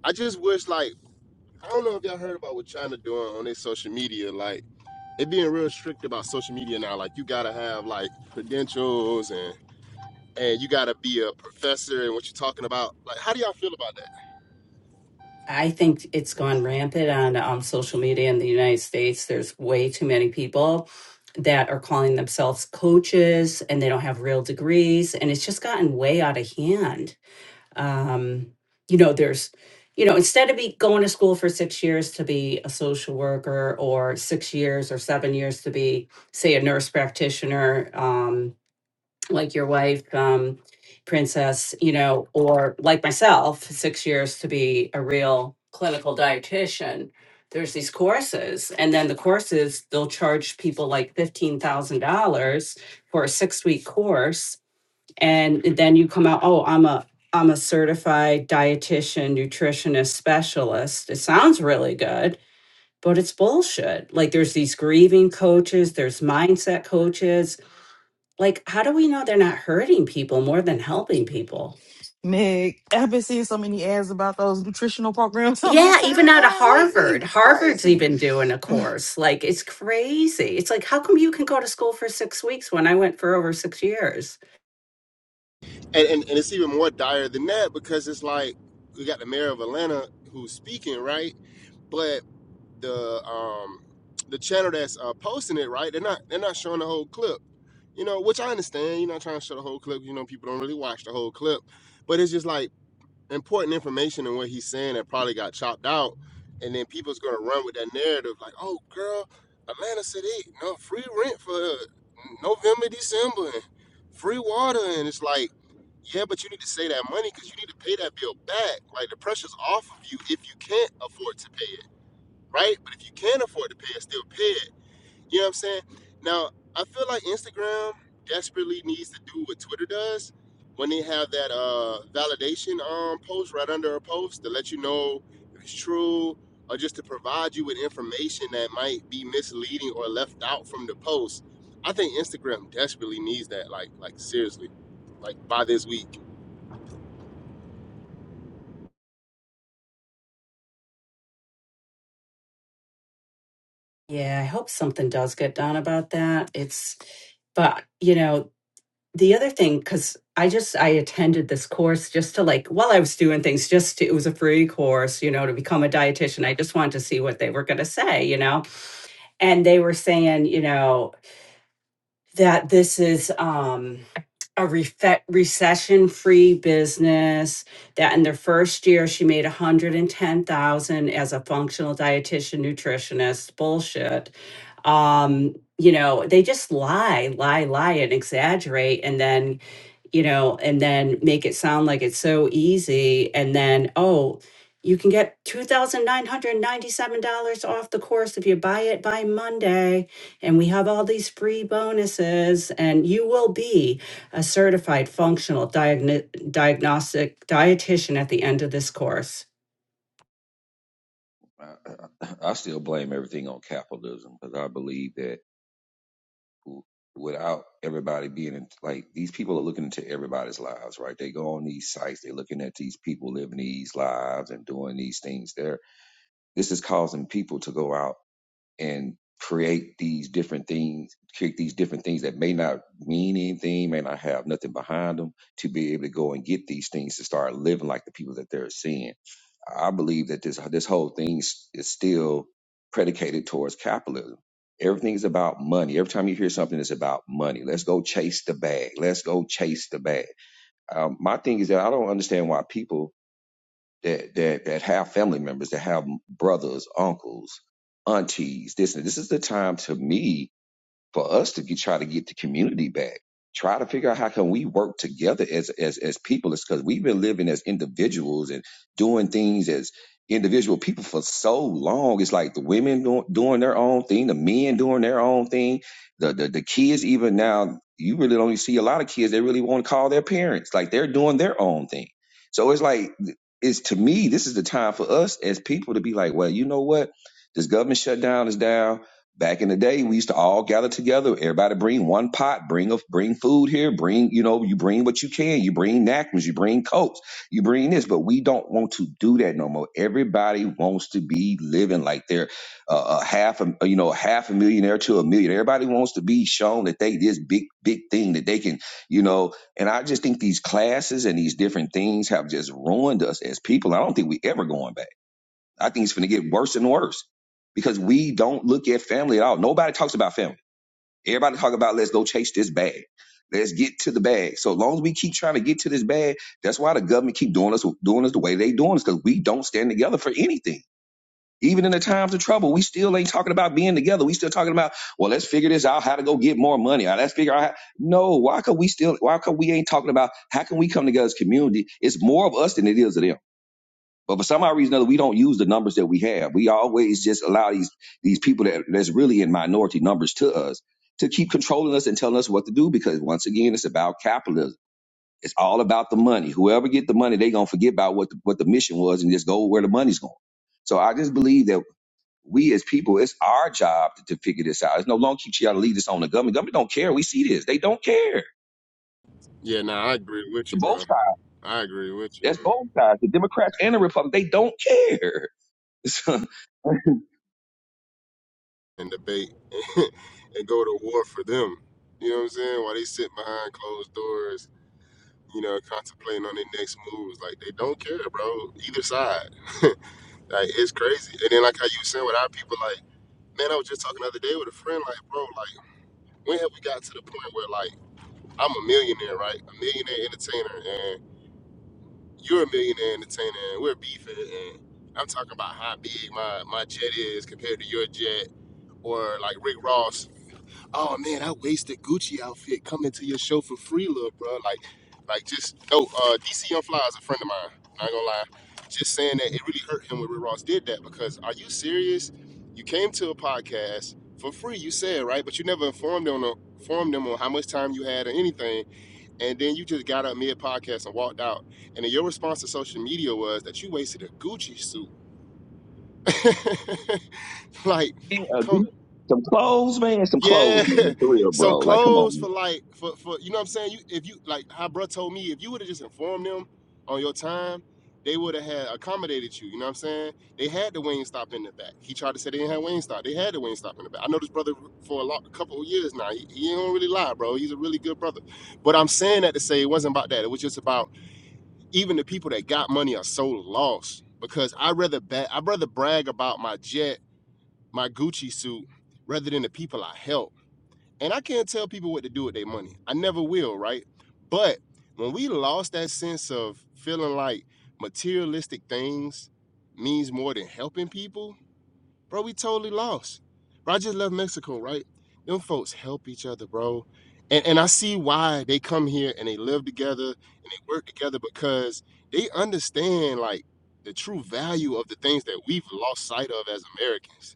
I just wish like I don't know if y'all heard about what China doing on their social media. Like it being real strict about social media now. Like you gotta have like credentials and and you gotta be a professor and what you're talking about. Like how do y'all feel about that? I think it's gone rampant on um, social media in the United States. There's way too many people that are calling themselves coaches and they don't have real degrees. And it's just gotten way out of hand um, you know there's you know instead of be going to school for six years to be a social worker or six years or seven years to be say a nurse practitioner um, like your wife um, princess you know or like myself six years to be a real clinical dietitian there's these courses and then the courses they'll charge people like $15000 for a six week course and then you come out oh i'm a i'm a certified dietitian nutritionist specialist it sounds really good but it's bullshit like there's these grieving coaches there's mindset coaches like how do we know they're not hurting people more than helping people Meg, I've been seeing so many ads about those nutritional programs on my yeah even out of timeline lately. harvard It's harvard's crazy. even doing a I course like it's crazy it's like how come you can go to school for six weeks when i went for over six years And and, and it's even more dire than that because it's like we got the mayor of Atlanta who's speaking, right? But the um the channel that's uh, posting it, right? They're not they're not showing the whole clip you know, which I understand. You're not trying to show the whole clip. You know, people don't really watch the whole clip, but it's just like important information in what he's saying that probably got chopped out, and then people's gonna run with that narrative like, "Oh, girl, Atlanta City, no free rent for uh, November, December, and free water," and it's like, yeah, but you need to save that money because you need to pay that bill back. Like the pressure's off of you if you can't afford to pay it, right? But if you can afford to pay it, still pay it you know what I'm saying? Now, I feel like Instagram desperately needs to do what Twitter does when they have that uh, validation um, post right under a post to let you know if it's true or just to provide you with information that might be misleading or left out from the post. I think Instagram desperately needs that, like, like seriously, like by this week. yeah i hope something does get done about that it's but you know the other thing because i just i attended this course just to like while i was doing things just to, it was a free course you know to become a dietitian i just wanted to see what they were going to say you know and they were saying you know that this is um a recession free business that in their first year she made 110000 as a functional dietitian nutritionist bullshit um you know they just lie lie lie and exaggerate and then you know, and then make it sound like it's so easy. And then, oh, you can get $2,997 off the course if you buy it by Monday. And we have all these free bonuses, and you will be a certified functional diagno- diagnostic dietitian at the end of this course. I, I still blame everything on capitalism because I believe that without everybody being in, like these people are looking into everybody's lives, right? They go on these sites, they're looking at these people living these lives and doing these things. There, this is causing people to go out and create these different things, create these different things that may not mean anything, may not have nothing behind them, to be able to go and get these things to start living like the people that they're seeing I believe that this this whole thing is is still predicated towards capitalism. Everything's about money. Every time you hear something, it's about money. Let's go chase the bag. Let's go chase the bag. Um, my thing is that I don't understand why people that that that have family members, that have brothers, uncles, aunties, this and this is the time to me for us to get, try to get the community back. Try to figure out how can we work together as as as people. It's because we've been living as individuals and doing things as individual people for so long. It's like the women doing, doing their own thing, the men doing their own thing, the, the the kids even now. You really don't see a lot of kids. They really want to call their parents. Like they're doing their own thing. So it's like it's to me. This is the time for us as people to be like, well, you know what? This government shutdown is down back in the day we used to all gather together everybody bring one pot bring a bring food here bring you know you bring what you can you bring napkins you bring coats you bring this but we don't want to do that no more everybody wants to be living like they're uh, a half a you know half a millionaire to a million everybody wants to be shown that they this big big thing that they can you know and i just think these classes and these different things have just ruined us as people i don't think we ever going back I think it's going to get worse and worse because we don't look at family at all. Nobody talks about family. Everybody talk about let's go chase this bag. Let's get to the bag. So as long as we keep trying to get to this bag, that's why the government keep doing us doing us the way they doing us because we don't stand together for anything. Even in the times of trouble, we still ain't talking about being together. We still talking about well, let's figure this out, how to go get more money. Or let's figure out how, no. Why could we still? Why could we ain't talking about how can we come together as a community? It's more of us than it is of them. But for some odd reason or other, we don't use the numbers that we have. We always just allow these these people that that's really in minority numbers to us to keep controlling us and telling us what to do because once again, it's about capitalism. It's all about the money. Whoever get the money, they gonna forget about what the, what the mission was and just go where the money's going. So I just believe that we as people, it's our job to, to figure this out. It's no longer keep trying to leave this on the government. Government don't care. We see this. They don't care. Yeah, nah, I agree with The you, bro. both sides. I agree with you. That's man. both sides. The Democrats and the Republicans. They don't care. and debate and go to war for them. You know what I'm saying? While they sit behind closed doors, you know, contemplating on their next moves. Like they don't care, bro. Either side. like it's crazy. And then like how you were saying with our people, like, man, I was just talking the other day with a friend, like, bro, like, when have we got to the point where like I'm a millionaire, right? A millionaire entertainer and you're a millionaire entertainer and we're beefing and I'm talking about how big my, my jet is compared to your jet or like Rick Ross oh man, I wasted Gucci outfit coming to your show for free, little bro. Like, like just no. Uh, DC Young Fly is a friend of mine. Not gonna lie. Just saying that it really hurt him when Rick Ross did that because are you serious? You came to a podcast for free, you said right, but you never informed them on informed them on how much time you had or anything, and then you just got up mid podcast and walked out. And then your response to social media was that you wasted a Gucci suit. like, a come. good- some clothes, man. Some Yeah, clothes, man. For real, some bro. Like, come on, clothes for man. like for for you know what I'm saying. You if you like how bruh told me if you would have just informed them on your time, they would have had accommodated you. You know what I'm saying? They had the wing stop in the back. He tried to say they didn't have wing stop. They had the wing stop in the back. I know this brother for a lot, a couple of years now. He, he don't really lie, bro. He's a really good brother. But I'm saying that to say it wasn't about that. It was just about even the people that got money are so lost because I rather ba- I rather brag about my jet, my Gucci suit, rather than the people I help and I can't tell people what to do with their money. I never will, right? But when we lost that sense of feeling like materialistic things means more than helping people, bro, we totally lost. Bro, I just left Mexico, right? Them folks help each other, bro. And and I see why they come here and they live together and they work together because they understand like the true value of the things that we've lost sight of as Americans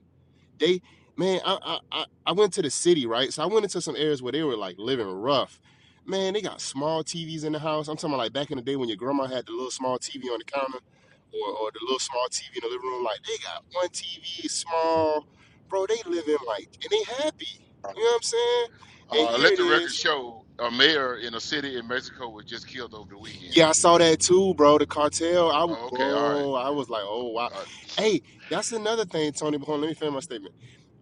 they man I, I i went to the city right so i went into some areas where they were like living rough man they got small tvs in the house i'm talking about like back in the day when your grandma had the little small tv on the counter or, or the little small tv in the living room like they got one tv small bro they living like and they happy that home. you know what i'm saying and Uh, here let it the record is show a mayor in a city in Mexico was just killed over the weekend. yeah i saw that too bro the cartel i w- Oh, okay, all right. bro i was like oh wow Uh, hey that's another thing tony But hold on, let me finish my statement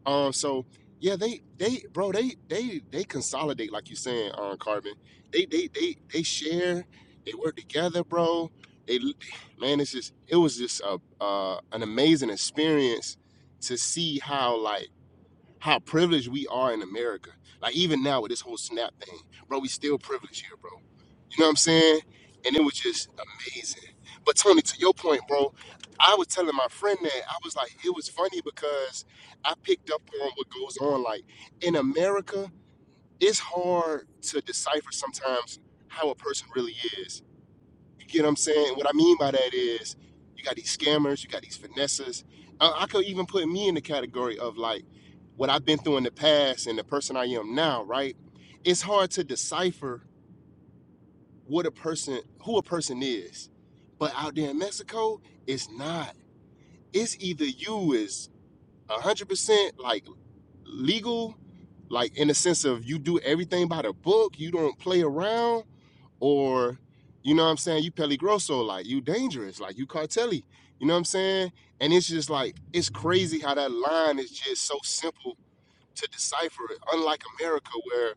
Um, so yeah, they they bro, they they they consolidate like you saying on carbon. They they they they share. They work together, bro. They man, it's just it was just a uh, an amazing experience to see how like how privileged we are in America. Like even now with this whole snap thing, bro, we still privileged here, bro. You know what I'm saying? And it was just amazing. But Tony, to your point, bro, I was telling my friend that I was like, it was funny because I picked up on what goes on. Like in America, it's hard to decipher sometimes how a person really is you get what I'm saying? What I mean by that is you got these scammers, you got these finessers. I, I could even put me in the category of like what I've been through in the past and the person I am now, right? It's hard to decipher what a person who a person is. But out there in Mexico, it's not. It's either you is one hundred percent like legal, like in the sense of you do everything by the book, you don't play around, or you know what I'm saying, you peligroso, like you dangerous, like you cartelli, you know what I'm saying? And it's just like it's crazy how that line is just so simple to decipher. Unlike America, where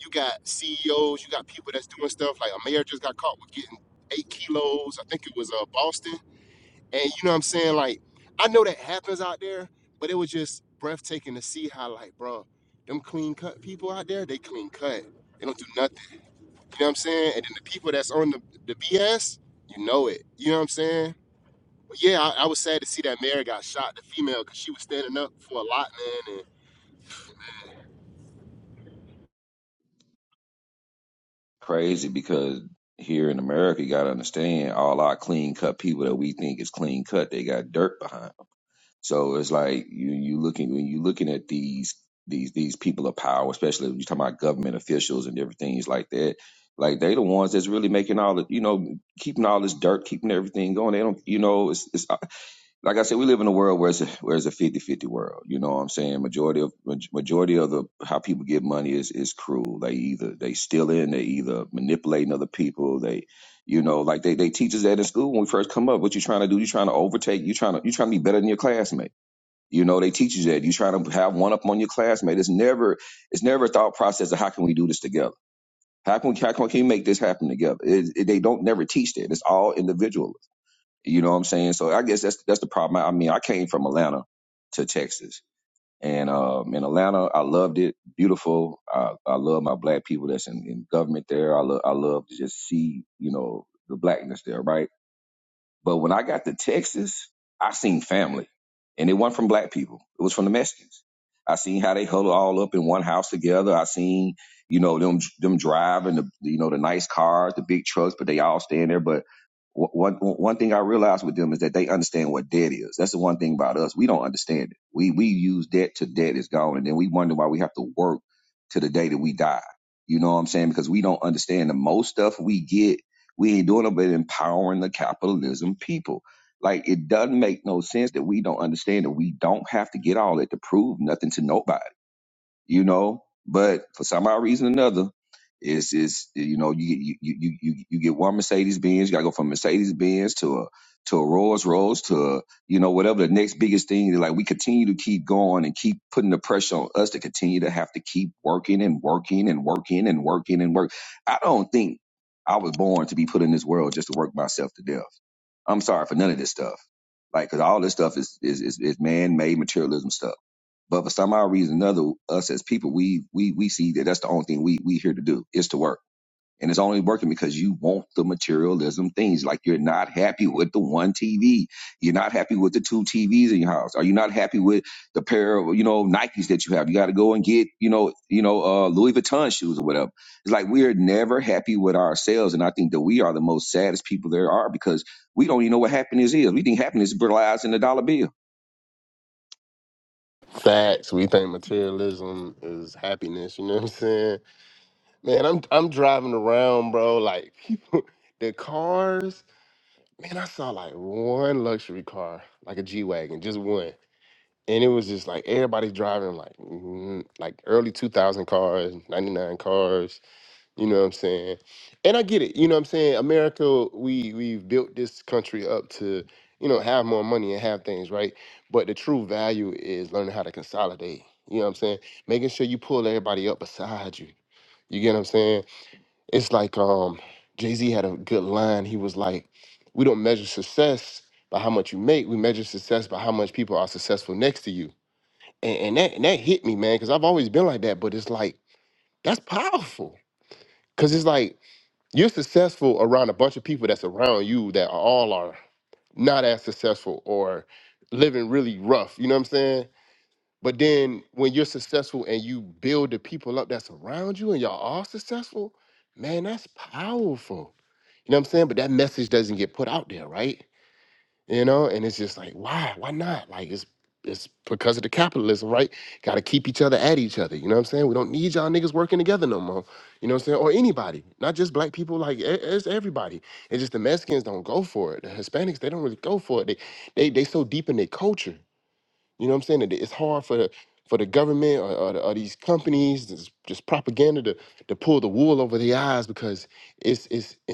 you got CEOs, you got people that's doing stuff like a mayor just got caught with getting eight kilos. I think it was uh, Boston, and you know what I'm saying. Like I know that happens out there, but it was just breathtaking to see how like, bro, them clean cut people out there, they clean cut. They don't do nothing. You know what I'm saying? And then the people that's on the, the BS, you know it. You know what I'm saying? But yeah, I, I was sad to see that Mary got shot, the female, because she was standing up for a lot, man. Crazy because here in America, you gotta understand all our clean cut people that we think is clean cut, they got dirt behind. 'em. So it's like you you looking when you looking at these these these people of power, especially when you talking about government officials and different things like that. Like they the ones that's really making all the you know keeping all this dirt, keeping everything going. They don't you know it's, it's like I said, we live in a world where it's a, where it's a fifty fifty world. You know what I'm saying? Majority of maj- majority of the how people get money is is cruel. They either they steal in, they either manipulating other people. They, you know, like they they teach us that in school when we first come up. What you trying to do? You trying to overtake? You trying to you trying to be better than your classmate? You know, they teach you that. You trying to have one up on your classmate. It's never it's never a thought process of how can we do this together. How can we, how can we make this happen together? It, it, they don't never teach that. It's all individual you know what I'm saying? So I guess that's that's the problem. I I mean, I came from Atlanta to Texas, and um, in Atlanta, I loved it. Beautiful. I, I love my black people that's in, in government there. I love I love to just see you know the blackness there, right? But when I got to Texas, I seen family. And it wasn't from black people. It was from the Mexicans. I seen how they huddle all up in one house together. I seen, you know, them them driving the you know the nice cars, the big trucks, but they all staying there. But wh- one one thing I realized with them is that they understand what debt is. That's the one thing about us. We don't understand it. We we use debt till debt is gone, and then we wonder why we have to work to the day that we die. You know what I'm saying? Because we don't understand the most stuff we get we ain't doing it but empowering the capitalism people. Like it doesn't make no sense that we don't understand that we don't have to get all that to prove nothing to nobody you know. But for some odd reason or another, it's it's you know you you you you, you get one Mercedes Benz, you gotta go from Mercedes Benz to a to a Rolls Royce to a, you know whatever the next biggest thing. Like we continue to keep going and keep putting the pressure on us to continue to have to keep working and working and working and working and work. I don't think I was born to be put in this world just to work myself to death. I'm sorry for none of this stuff. Like, cause all this stuff is is is, is man-made materialism stuff but for some odd reason, or another us as people, we we we see that that's the only thing we we here to do is to work, and it's only working because you want the materialism things. Like you're not happy with the one TV, you're not happy with the two TVs in your house, are you not happy with the pair of you know Nikes that you have? You got to go and get you know you know uh, Louis Vuitton shoes or whatever. It's like we're never happy with ourselves, and I think that we are the most saddest people there are because we don't even know what happiness is. We think happiness relies in the dollar bill. And facts, we think materialism is happiness. You know what I'm saying? Man, I'm I'm driving around, bro. Like people, the cars. Man, I saw like one luxury car, like a G wagon, just one. And it was just like everybody driving like mm, like early 2000 cars, 99 cars You know what I'm saying? And I get it. You know what I'm saying? America, we we've built this country up to, you know, have more money and have things, right? But the true value is learning how to consolidate. You know what I'm saying? Making sure you pull everybody up beside you. You get what I'm saying? It's like um Jay-Z had a good line. He was like, We don't measure success by how much you make, we measure success by how much people are successful next to you. And and that and that hit me, man, because I've always been like that, but it's like, that's powerful. Cause it's like you're successful around a bunch of people that's around you that are all are not as successful or living really rough. You know what I'm saying? But then when you're successful and you build the people up that's around you and y'all all successful, man, that's powerful. You know what I'm saying? But that message doesn't get put out there, right? you know and it's just like why why not like it's it's because of the capitalism right got to keep each other at each other you know what i'm saying we don't need y'all niggas working together no more you know what i'm saying or anybody not just black people like e- it's everybody it's just the mexicans don't go for it the hispanics they don't really go for it they they, they so deep in their culture you know what i'm saying that it's hard for the for the government or, or, the, or these companies this just propaganda to, to pull the wool over their eyes because it's it's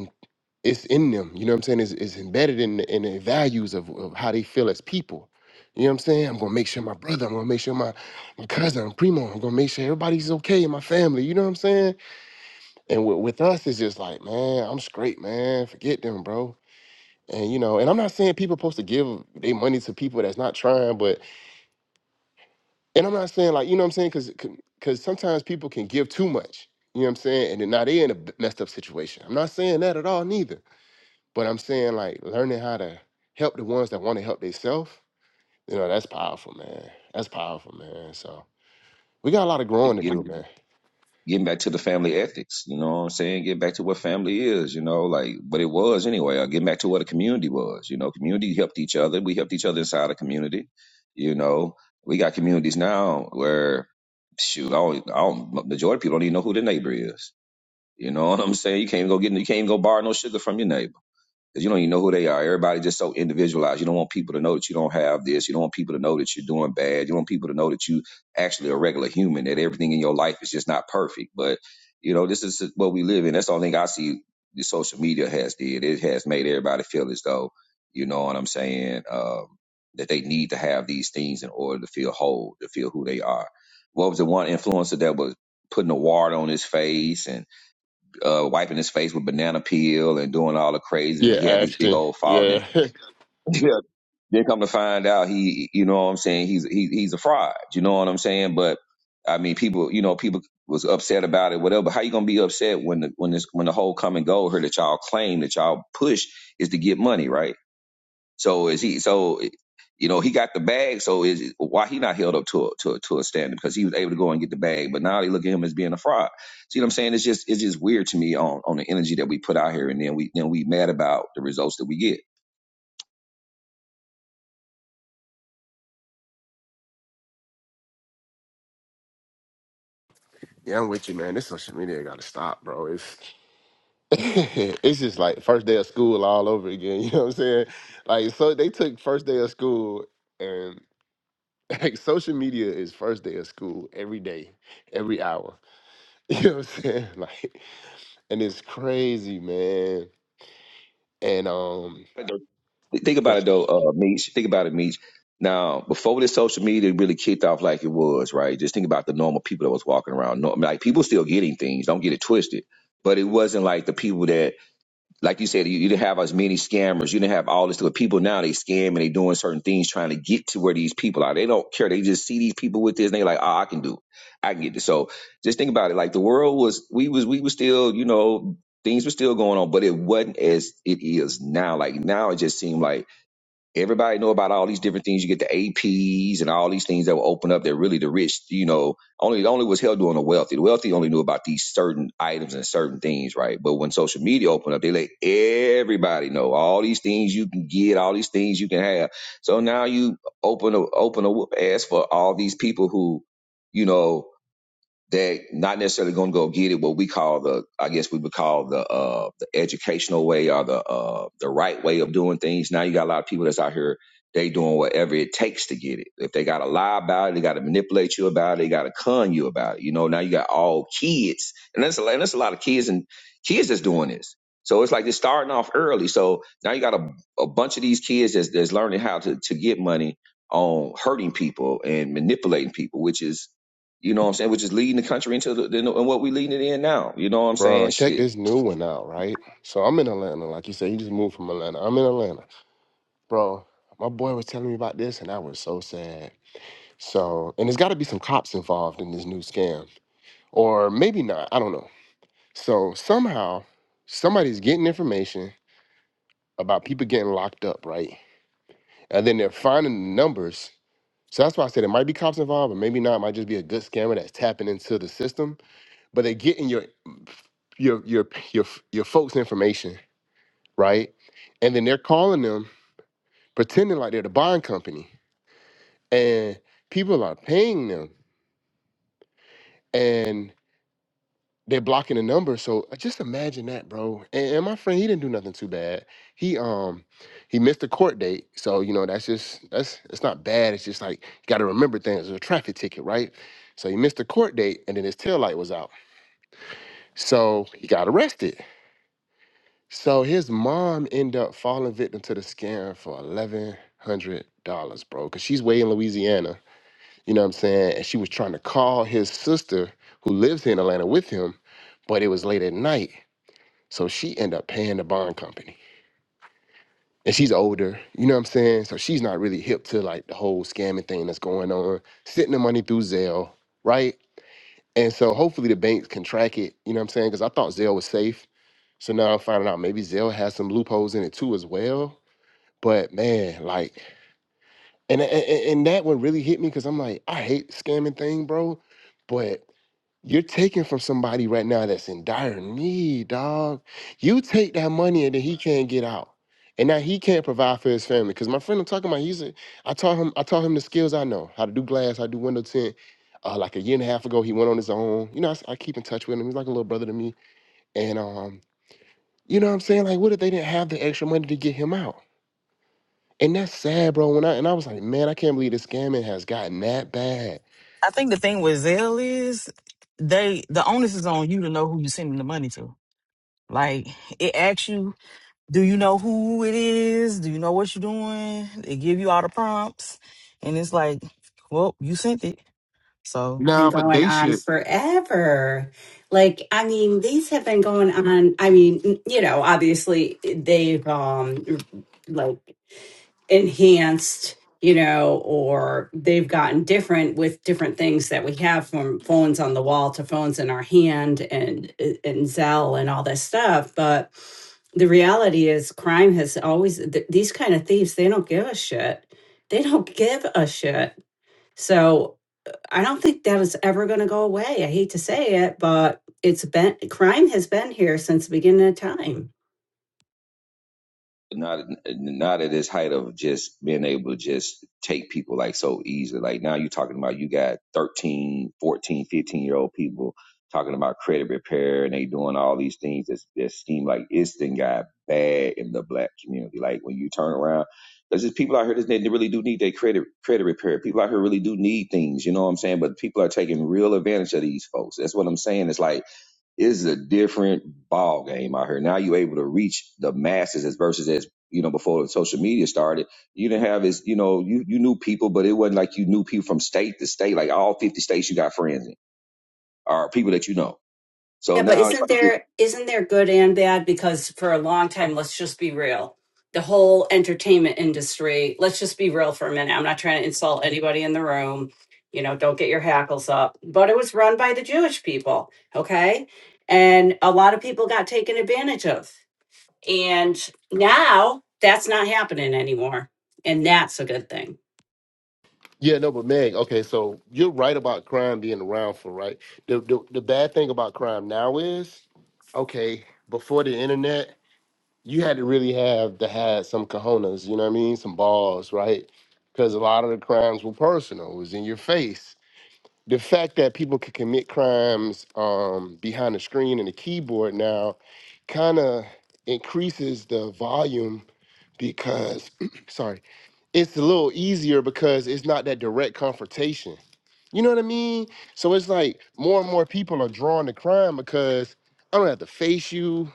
it's in them. You know what I'm saying? It's, it's embedded in the, in the values of, of how they feel as people. You know what I'm saying? I'm gonna make sure my brother, I'm gonna make sure my, my cousin, primo, I'm gonna make sure everybody's okay in my family. You know what I'm saying? And with, with us, it's just like, man, I'm straight, man. Forget them, bro. And you know, and I'm not saying people supposed to give their money to people that's not trying, but and I'm not saying like, you know what I'm saying? Cause cause sometimes people can give too much. You know what I'm saying? And then now they in a messed up situation. I'm not saying that at all neither. But I'm saying like learning how to help the ones that want to help themselves, you know, that's powerful, man. That's powerful, man. So we got a lot of It, growing to it do, man. getting back to the family ethics, you know what I'm saying? Getting back to what family is, you know, like what it was anyway, or getting back to what a community was, you know, community helped each other. We helped each other inside a community, you know. We got communities now where shoot, I do majority of people don't even know who their neighbor is. You know what I'm saying? You can't go get you can't go borrow no sugar from your neighbor. 'Cause you don't even know who they are. Everybody just so individualized. You don't want people to know that you don't have this. You don't want people to know that you're doing bad. You don't want people to know that you actually a regular human. That everything in your life is just not perfect. But you know, this is what we live in. That's the only thing I see. The social media has did. It has made everybody feel as though you know what I'm saying. Um, that they need to have these things in order to feel whole, to feel who they are. What was the one influencer that was putting a wart on his face and uh, wiping his face with banana peel and doing all the crazy. Yeah, He had this big actually. old following. Yeah. yeah, then come to find out, he, you know what I'm saying? He's he, he's a fraud. You know what I'm saying? But I mean, people, you know, people was upset about it, whatever. But how you gonna be upset when the when this when the whole come and go here that y'all claim that y'all push is to get money, right? So is he? So you know he got the bag. So is why he not held up to a, to a, to a standard because he was able to go and get the bag. But now they look at him as being a fraud. See what I'm saying? It's just it's just weird to me on on the energy that we put out here, and then we then we mad about the results that we get. yeah, I'm with you, man. This social media gotta stop, bro. It's it's just like first day of school all over again. You know what I'm saying? Like so they took first day of school and like social media is first day of school every day, every hour. You know what I'm saying? Like and it's crazy, man. And um Th- Think about it though, uh, Meach. Think about it, Meach. Now, before this social media really kicked off like it was, right? Just think about the normal people that was walking around. Nor- Like people still getting things. Don't get it twisted. But it wasn't like the people that, like you said, you, you didn't have as many scammers. You didn't have all this. stuff. people now they scam and they doing certain things trying to get to where these people are. They don't care. They just see these people with this and they like, oh, I can do. It. I can get this. So just think about it. Like the world was, we was, we was still, you know, things were still going on, but it wasn't as it is now. Like now, it just seemed like Everybody know about all these different things. You get the APs and all these things that will open up that really the rich, you know, only it only was held on the wealthy. The wealthy only knew about these certain items and certain things, right? But when social media opened up, they let everybody know all these things you can get, all these things you can have. So now you open a open a whoop ass for all these people who, you know, they're not necessarily going to go get it. What we call the, I guess we would call the uh, the educational way or the uh, the right way of doing things. Now you got a lot of people that's out here. They doing whatever it takes to get it. If they got to lie about it, they got to manipulate you about it. They got to con you about it. You know. Now you got all kids, and that's a, and that's a lot of kids and kids that's doing this. So it's like they're starting off early. So now you got a, a bunch of these kids that's, that's learning how to, to get money on hurting people and manipulating people, which is you know what I'm saying? Which is leading the country into the, the and what we leading it in now. You know what I'm Bro, saying? check Shit. this new one out, right? So I'm in Atlanta, like you said, you just moved from Atlanta. I'm in Atlanta. Bro, my boy was telling me about this and I was so sad. So, and there's got to be some cops involved in this new scam, or maybe not. I don't know. So somehow somebody's getting information about people getting locked up, right? And then they're finding the numbers. So that's why I said it might be cops involved, but maybe not. It might just be a good scammer that's tapping into the system, but they're getting your your your your your folks' information right? And then they're calling them, pretending like they're the bond company, and people are paying them, and they're blocking the number. So uh, just imagine that, bro. And, and my friend, he didn't do nothing too bad. He um he missed the court date, so you know that's just that's it's not bad. It's just like you got to remember things. It's a traffic ticket, right? So he missed the court date, and then his tail light was out. So he got arrested. So his mom ended up falling victim to the scam for eleven hundred dollars, bro. Cause she's way in Louisiana. You know what I'm saying? And she was trying to call his sister who lives here in Atlanta with him, but it was late at night. So she ended up paying the bond company. And she's older, you know what I'm saying? So she's not really hip to like the whole scamming thing that's going on, sending the money through Zelle, right? And so hopefully the banks can track it, you know what I'm saying? Because I thought Zelle was safe. So now I'm finding out maybe Zelle has some loopholes in it too as well. But man, like, and and, and that one really hit me because I'm like, I hate scamming thing, bro. But you're taking from somebody right now that's in dire need, dog. You take that money and then he can't get out. And now he can't provide for his family. Cause my friend I'm talking about, he's a I taught him, I taught him the skills I know, how to do glass, how to do window tint. Uh, like a year and a half ago, he went on his own. You know, I, s- I keep in touch with him. He's like a little brother to me. And um, you know what I'm saying? Like, what if they didn't have the extra money to get him out? And that's sad, bro. When I and I was like, man, I can't believe the scamming has gotten that bad. think the thing with Zelle is they the onus is on you to know who you're sending the money to. Like it asks you, do you know who it is? Do you know what you're doing? They give you all the prompts, and it's like, well, you sent it. so. Been Nah, but going they on should. forever. Like, I mean, these have been going on. I mean, you know, obviously they've um, like enhanced you know or they've gotten different with different things that we have from phones on the wall to phones in our hand and and zelle and all this stuff but the reality is crime has always th- these kind of thieves they don't give a shit they don't give a shit so i don't think that is ever going to go away i hate to say it but it's been crime has been here since the beginning of time not not at this height of just being able to just take people like so easily like now you're talking about you got 13 14 15 year old people talking about credit repair and they doing all these things that, that seem like it's then got bad in the black community like when you turn around there's just people out here that they really do need their credit credit repair people out here really do need things you know what i'm saying but people are taking real advantage of these folks that's what i'm saying it's like it's a different ball game out here. Now you're able to reach the masses as versus as you know before the social media started. You didn't have as you know you you knew people, but it wasn't like you knew people from state to state. Like all 50 states, you got friends in or people that you know. So Yeah, but now it's isn't like this. there isn't there good and bad? Because for a long time, let's just be real. The whole entertainment industry, let's just be real for a minute. I'm not trying to insult anybody in the room. You know, don't get your hackles up. But it was run by the Jewish people, okay? And a lot of people got taken advantage of. And now that's not happening anymore. And that's a good thing. Yeah, no, but Meg, okay, so you're right about crime being around for right. The the, the bad thing about crime now is, okay, before the internet, you had to really have to have some cojones, you know what I mean? Some balls, right? Because a lot of the crimes were personal, it was in your face. the fact that people can commit crimes um, behind a screen and a keyboard now kind of increases the volume because sorry it's a little easier because it's not that direct confrontation you know what i mean so it's like more and more people are drawn to crime because i don't have to face you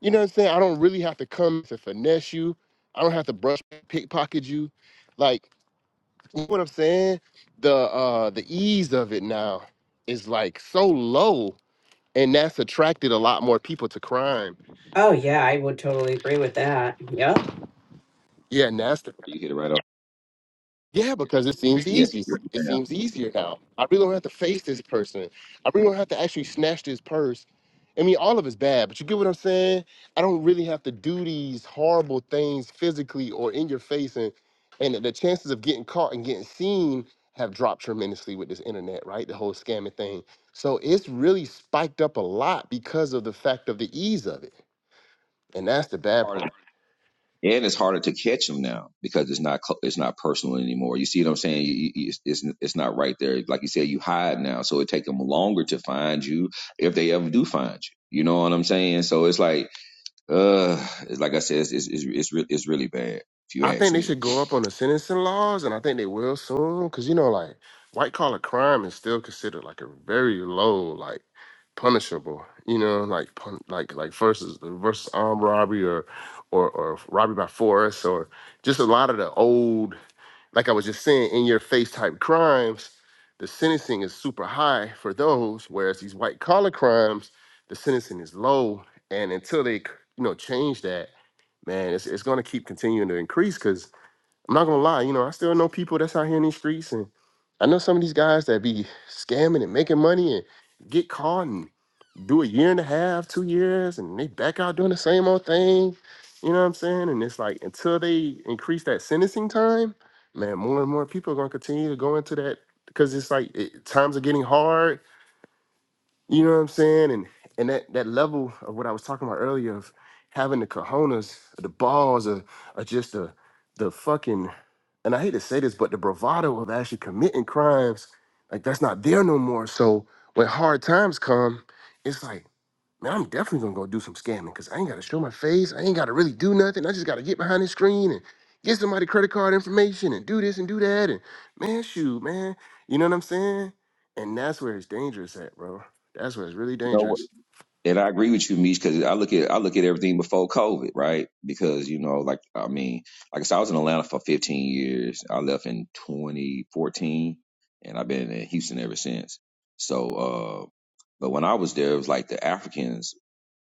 you know what i'm saying i don't really have to come to finesse you i don't have to brush pickpocket you like you know what I'm saying? The uh the ease of it now is like so low, and that's attracted a lot more people to crime. Oh yeah, I would totally agree with that. Yep. Yeah, and that's the You hit it right on. Yeah, because it seems Yes, easy. It right seems easier now. I really don't have to face this person. I really don't have to actually snatch this purse. I mean, all of it's bad, but you get what I'm saying? I don't really have to do these horrible things physically or in your face, and and the chances of getting caught and getting seen have dropped tremendously with this internet, right? The whole scamming thing. So it's really spiked up a lot because of the fact of the ease of it, and that's the bad part. harder, and it's harder to catch them now because it's not cl- it's not personal anymore. You see what I'm saying? You, you, it's, it's it's not right there. Like you said, you hide now, so it take them longer to find you if they ever do find you. You know what I'm saying? So it's like Uh, it's- like I said, it's it's it's, it's, re- it's really bad if you I think ask they me. should go up on the sentencing laws, and I think they will soon. Cause you know, like white collar crime is still considered like a very low, like punishable. You know, like pun- like like versus versus armed robbery or or or robbery by force or just a lot of the old like I was just saying, in your face type crimes, the sentencing is super high for those, whereas these white collar crimes, the sentencing is low. And until they, you know, change that, man, it's it's gonna keep continuing to increase. Cause I'm not gonna lie, you know, I still know people that's out here in these streets, and I know some of these guys that be scamming and making money and get caught. and do a year and a half, two years, and they back out doing the same old thing. You know what I'm saying? And it's like until they increase that sentencing time, man, more and more people are gonna continue to go into that because it's like it, times are getting hard. You know what I'm saying? And and that that level of what I was talking about earlier of having the cojones, the balls, or, or just the the fucking and I hate to say this, but the bravado of actually committing crimes, like that's not there no more. So when hard times come, it's like man, I'm definitely gonna go do some scamming because I ain't gotta show my face. I ain't gotta really do nothing. I just gotta get behind the screen and get somebody credit card information and do this and do that. And man, shoot, man, you know what I'm saying? And that's where it's dangerous at, bro. That's where it's really You know what? dangerous. And I agree with you, Mish, because I look at I look at everything before COVID, right? Because you know, like I mean, like I said, I was in Atlanta for 15 years. I left in 2014, and I've been in Houston ever since. So, uh, but when I was there, it was like the Africans.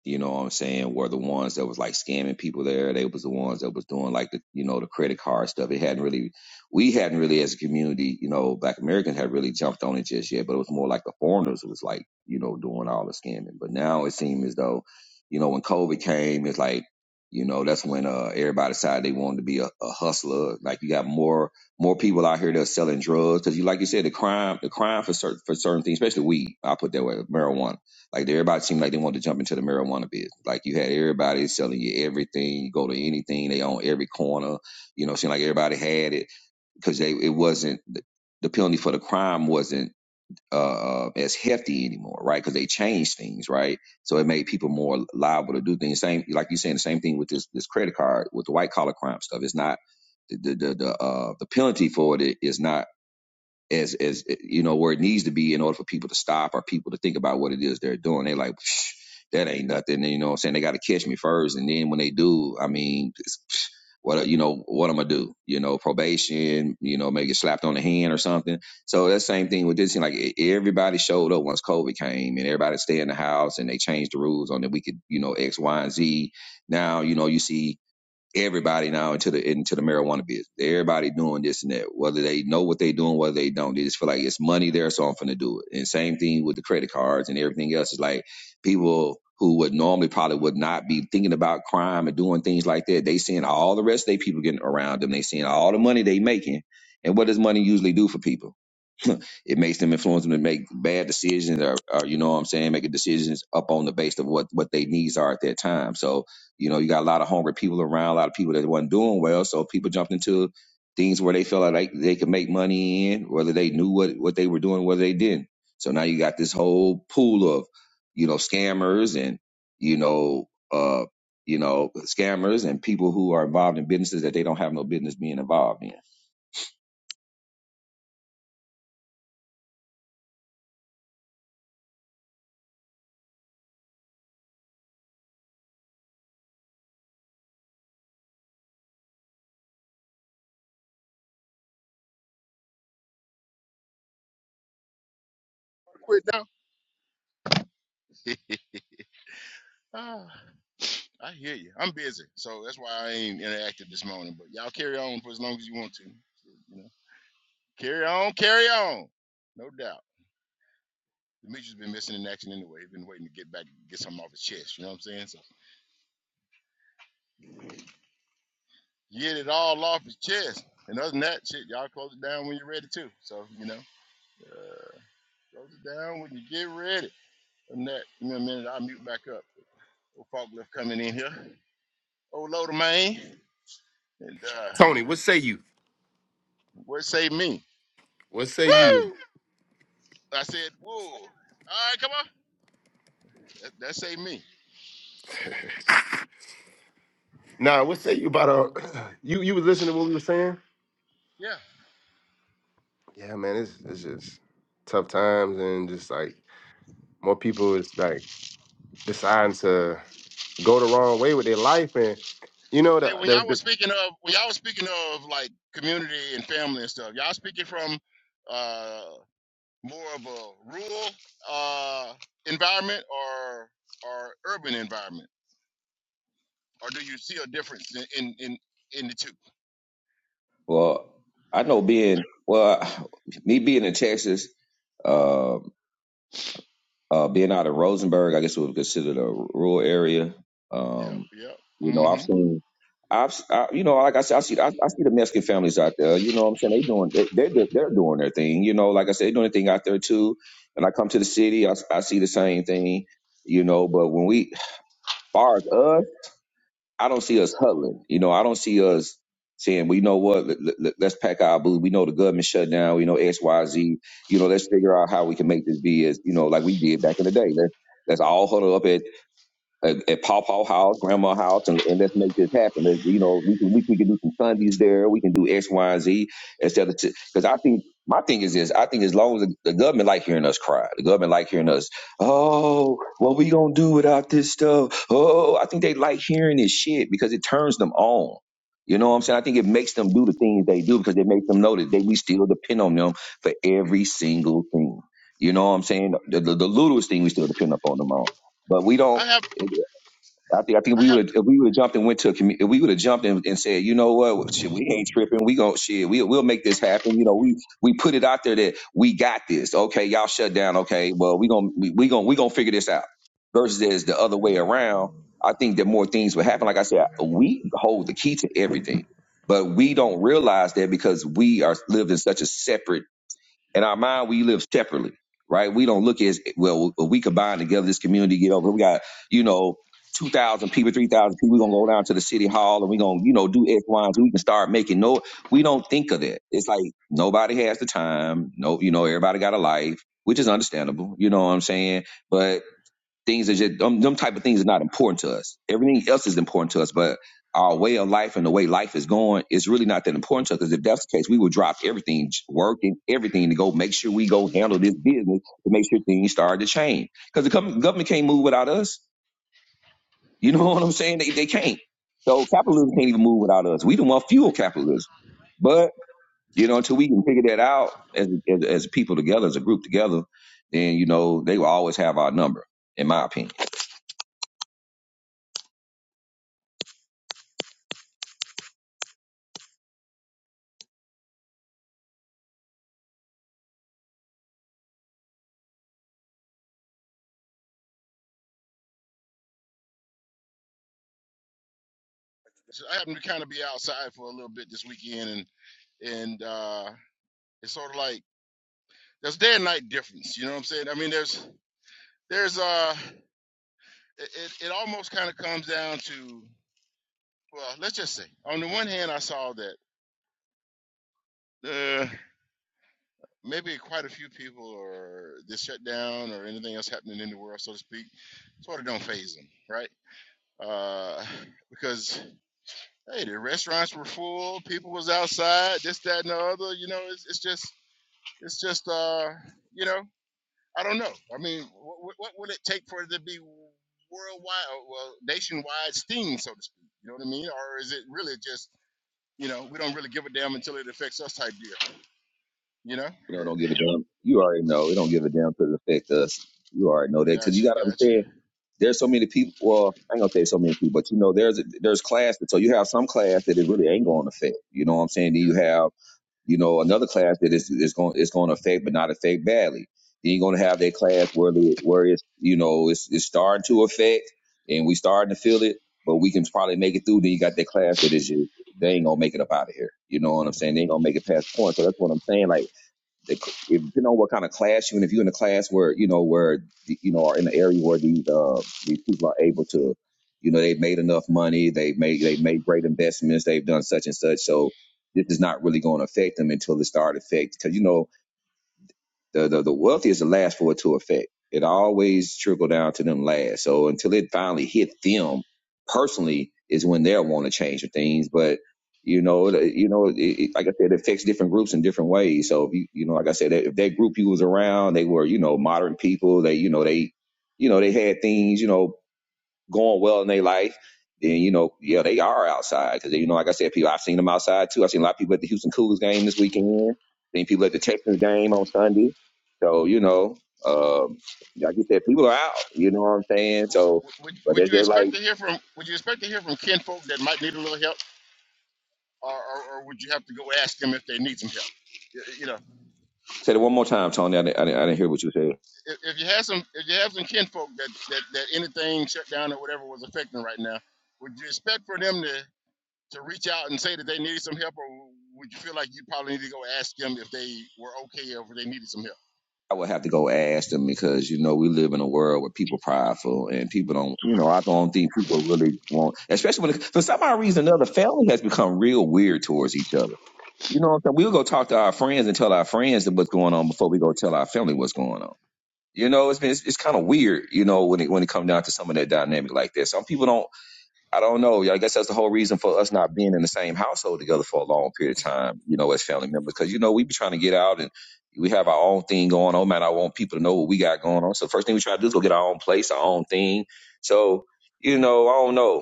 you know what I'm saying, were the ones that was like scamming people there. They was the ones that was doing like the, you know, the credit card stuff. It hadn't really, we hadn't really as a community, you know, black Americans had really jumped on it just yet, but it was more like the foreigners was like, you know, doing all the scamming. But now it seemed as though, you know, when COVID came, it's like, you know, that's when uh, everybody decided they wanted to be a, a hustler. Like you got more more people out here that's selling drugs because you, like you said, the crime the crime for certain for certain things, especially weed. I put that way, marijuana like everybody seemed like they wanted to jump into the marijuana biz. Like you had everybody selling you everything. You go to anything, they own every corner. You know, it seemed like everybody had it because they it wasn't the penalty for the crime wasn't uh, uh, as hefty anymore, right? Because they changed things, right? So it made people more liable to do things. Same like you saying the same thing with this this credit card with the white collar crime stuff. It's not the the the, the, uh, the penalty for it is not as as you know where it needs to be in order for people to stop or people to think about what it is they're doing. They are like that ain't nothing. And, you know what I'm saying? They got to catch me first, and then when they do, I mean, psh, what you know what I'm gonna do? You know, probation. You know, maybe get slapped on the hand or something. So that same thing with this. thing, Like e- everybody showed up once COVID came, and everybody stay in the house, and they changed the rules on that we could you know X, Y, and Z. Now you know you see everybody now into the into the marijuana business. Everybody doing this and that, whether they know what they doing, whether they don't. They just feel like it's money there, so I'm finna do it. And same thing with the credit cards and everything else. It's like people who would normally probably would not be thinking about crime and doing things like that. They seeing all the rest of their people getting around them. They seeing all the money they making. And what does money usually do for people? it makes them influence them to make bad decisions or, or you know what I'm saying, making decisions up on the base of what what their needs are at that time. So, you know, you got a lot of hungry people around, a lot of people that wasn't doing well. So people jumped into things where they felt like they, they could make money in, whether they knew what, what they were doing, whether they didn't. So now you got this whole pool of, you know, scammers and, you know, uh, you know, scammers and people who are involved in businesses that they don't have no business being involved in. Quit now. Ah, I hear you. I'm busy, so that's why I ain't interactive this morning. But y'all carry on for as long as you want to. You know, carry on, carry on. No doubt. Demetrius been missing in action anyway. He's been waiting to get back, get something off his chest. You know what I'm saying? So get it all off his chest. And other than that, shit, y'all close it down when you're ready too. So you know, uh, close it down when you get ready. Other than that, in a minute, I'll mute back up. Old Faulkner coming in here. Old Loader man. And uh, Tony, what say you? what saved me? What say you? Woo! I said, whoa. All right, come on. That, that say me. nah, what say you about uh you you was listening to what we were saying? Yeah. Yeah, man, it's it's just tough times and just like more people is like deciding to go the wrong way with their life and you know Hey, the, when the, y'all was speaking of when y'all was speaking of like community and family and stuff, y'all speaking from uh more of a rural uh, environment or or urban environment, or do you see a difference in in in, in the two? Well, I know being well, me being in Texas, uh, uh, being out of Rosenberg, I guess would be considered a rural area. Yep, Um, yep. you know, I've hmm seen, I've, s- I, you know, like I said, I see, I, I see the Mexican families out there. You know, what I'm saying they doing, they, they're they're doing their thing. You know, like I said, they doing their thing out there too. And I come to the city, I I see the same thing. You know, but when we, far as us. I don't see us huddling. You know, I don't see us saying, "Well, you know what? Let, us pack our boots. We know the government shut down. We know X, Y, Z. You know, let's figure out how we can make this be as you know, like we did back in the day. Let's let's all huddle up at at, at Paw House, Grandma House, and, and let's make this happen. Let's, you know, we can we, we can do some Sundays there. We can do X, Y, and Z instead of because I think my thing is this. I think as long as the, the government like hearing us cry, the government like hearing us. Oh, what we gonna do without this stuff? Oh, I think they like hearing this shit because it turns them on. You know what I'm saying? I think it makes them do the things they do because it makes them know that they, we still depend on them for every single thing. You know what I'm saying? The, the, the littlest thing we still depend upon them on. But we don't. I have I think I think I we have would if we would have jumped and went to a commu- if we would have jumped and, and said, you know what, Well, shit, we ain't tripping. We go shit. We we'll make this happen. You know, we we put it out there that we got this. Okay, y'all shut down. Okay, well we gonna we, we gonna we gonna figure this out. Versus as the other way around, I think that more things would happen. Like I said, we hold the key to everything, but we don't realize that because we are lived in such a separate in our mind we live separately right we don't look as well we combine together this community get over we got you know 2000 people 3000 people we're going to go down to the city hall and we're going to you know do x y and Z. we can start making no we don't think of that it's like nobody has the time no you know everybody got a life which is understandable you know what i'm saying but Things are just um, them type of things are not important to us. Everything else is important to us, but our way of life and the way life is going is really not that important to us. Because if that's the case, we would drop everything, j- work and everything, to go make sure we go handle this business to make sure things start to change. Because the com- government can't move without us. You know what I'm saying? They they can't. So capitalism can't even move without us. We don't want fuel capitalism, but you know until we can figure that out as as, as people together, as a group together, then you know they will always have our number, in my opinion. so I happen to kind of be outside for a little bit this weekend, and and uh, it's sort of like there's day and night difference. You know what I'm saying? I mean, there's there's uh it it, it almost kind of comes down to well, let's just say on the one hand, I saw that. uh, maybe quite a few people or this shutdown or anything else happening in the world, so to speak, sort of don't phase them, right? Uh, because hey, the restaurants were full, people was outside, this, that, and the other. You know, it's, it's just, it's just, uh, you know, I don't know. I mean, what, what would it take for it to be worldwide, or, well, nationwide sting, so to speak? You know what I mean? Or is it really just, you know, we don't really give a damn until it affects us type deal? You know? You know, don't give a damn. You already know it don't give a damn to affect us. You already know that because you Gotcha, got to gotcha. understand. There's so many people. Well, I ain't gonna say so many people, but you know, there's there's class. That, so you have some class that it really ain't gonna affect. You know what I'm saying? Then you Yeah. have you know another class that is is going it's going to affect, but not affect badly. Then you're gonna have that class where the where it's you know it's it's starting to affect, and we starting to feel it, but we can probably make it through. Then you got that class that is you. They ain't gonna make it up out of here. You know what I'm saying? They ain't gonna make it past point. So that's what I'm saying. Like the, depending on what kind of class you're in, if you're in a class where you know where the, you know are in an area where these uh these people are able to, you know, they've made enough money, they've made they've made great investments, they've done such and such, so this is not really going to affect them until it start affect because you know the, the the wealth is the last for it to affect. It always trickle down to them last. So until it finally hit them personally is when they'll want to change the things. But you know, it- you know, it, it, like I said, it affects different groups in different ways. So if you, you know, like I said, if that group you was around, they were you know modern people. They you know they you know they had things you know going well in their life, then you know, yeah, they are outside because you know, like I said, people I've seen them outside too. I've seen a lot of people at the Houston Cougars game this weekend. Seen people at the Texans game on Sunday. So you know, um, like you said, people are out. You know what I'm saying? w- So, would, but would they're you just like expect to hear from would you expect to hear from kinfolk that might need a little help or, or, or would you have to go ask them if they need some help you, you know say it one more time, Tony. I didn't, I didn't, I didn't hear what you said. if, if you have some if you have some kinfolk that, that that anything shut down or whatever was affecting right now would you expect for them to to reach out and say that they need some help or would you feel like you probably need to go ask them if they were okay or if they needed some help I would have to go ask them because you know we live in a world where people are prideful and people don't. You know, I don't think people really want, especially when for some odd reason, or another family has become real weird towards each other You know what I'm saying? We'll go talk to our friends and tell our friends what's going on before we go tell our family what's going on. You know, it's been it's, it's kind of weird, you know, when it when it comes down to some of that dynamic like that. Some people don't I don't know. Yeah, I guess that's the whole reason for us not being in the same household together for a long period of time, you know, as family members. Cause you know, we be trying to get out and we have our own thing going on. Man, I want people to know what we got going on. So first thing we try to do is go get our own place, our own thing. So, you know, I don't know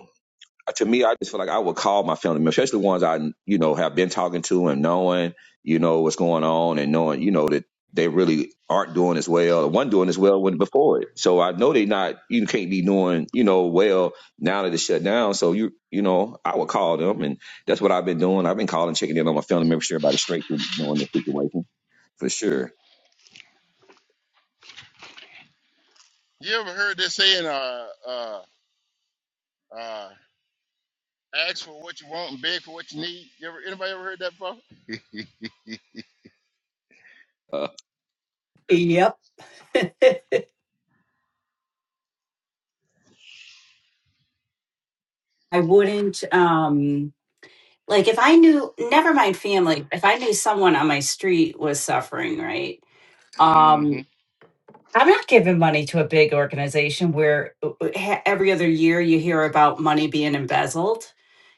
to me, I just feel like I would call my family members, especially ones I, you know, have been talking to and knowing, you know, what's going on and knowing, you know, that they really aren't doing as well or one doing as well when before it. So I know they not, you can't be doing, you know, well now that it's shut down. So you, you know, I would call them and that's what I've been doing. I've been calling, checking in on my family members, everybody straight through knowing the situation for sure. you ever heard this saying uh uh uh ask for what you want and beg for what you need you ever anybody ever heard that before Uh, Yep. I wouldn't. Um, Like if I knew, never mind family, if I knew someone on my street was suffering, right? mm-hmm Um, I'm not giving money to a big organization where uh, uh, ha- every other year you hear about money being embezzled.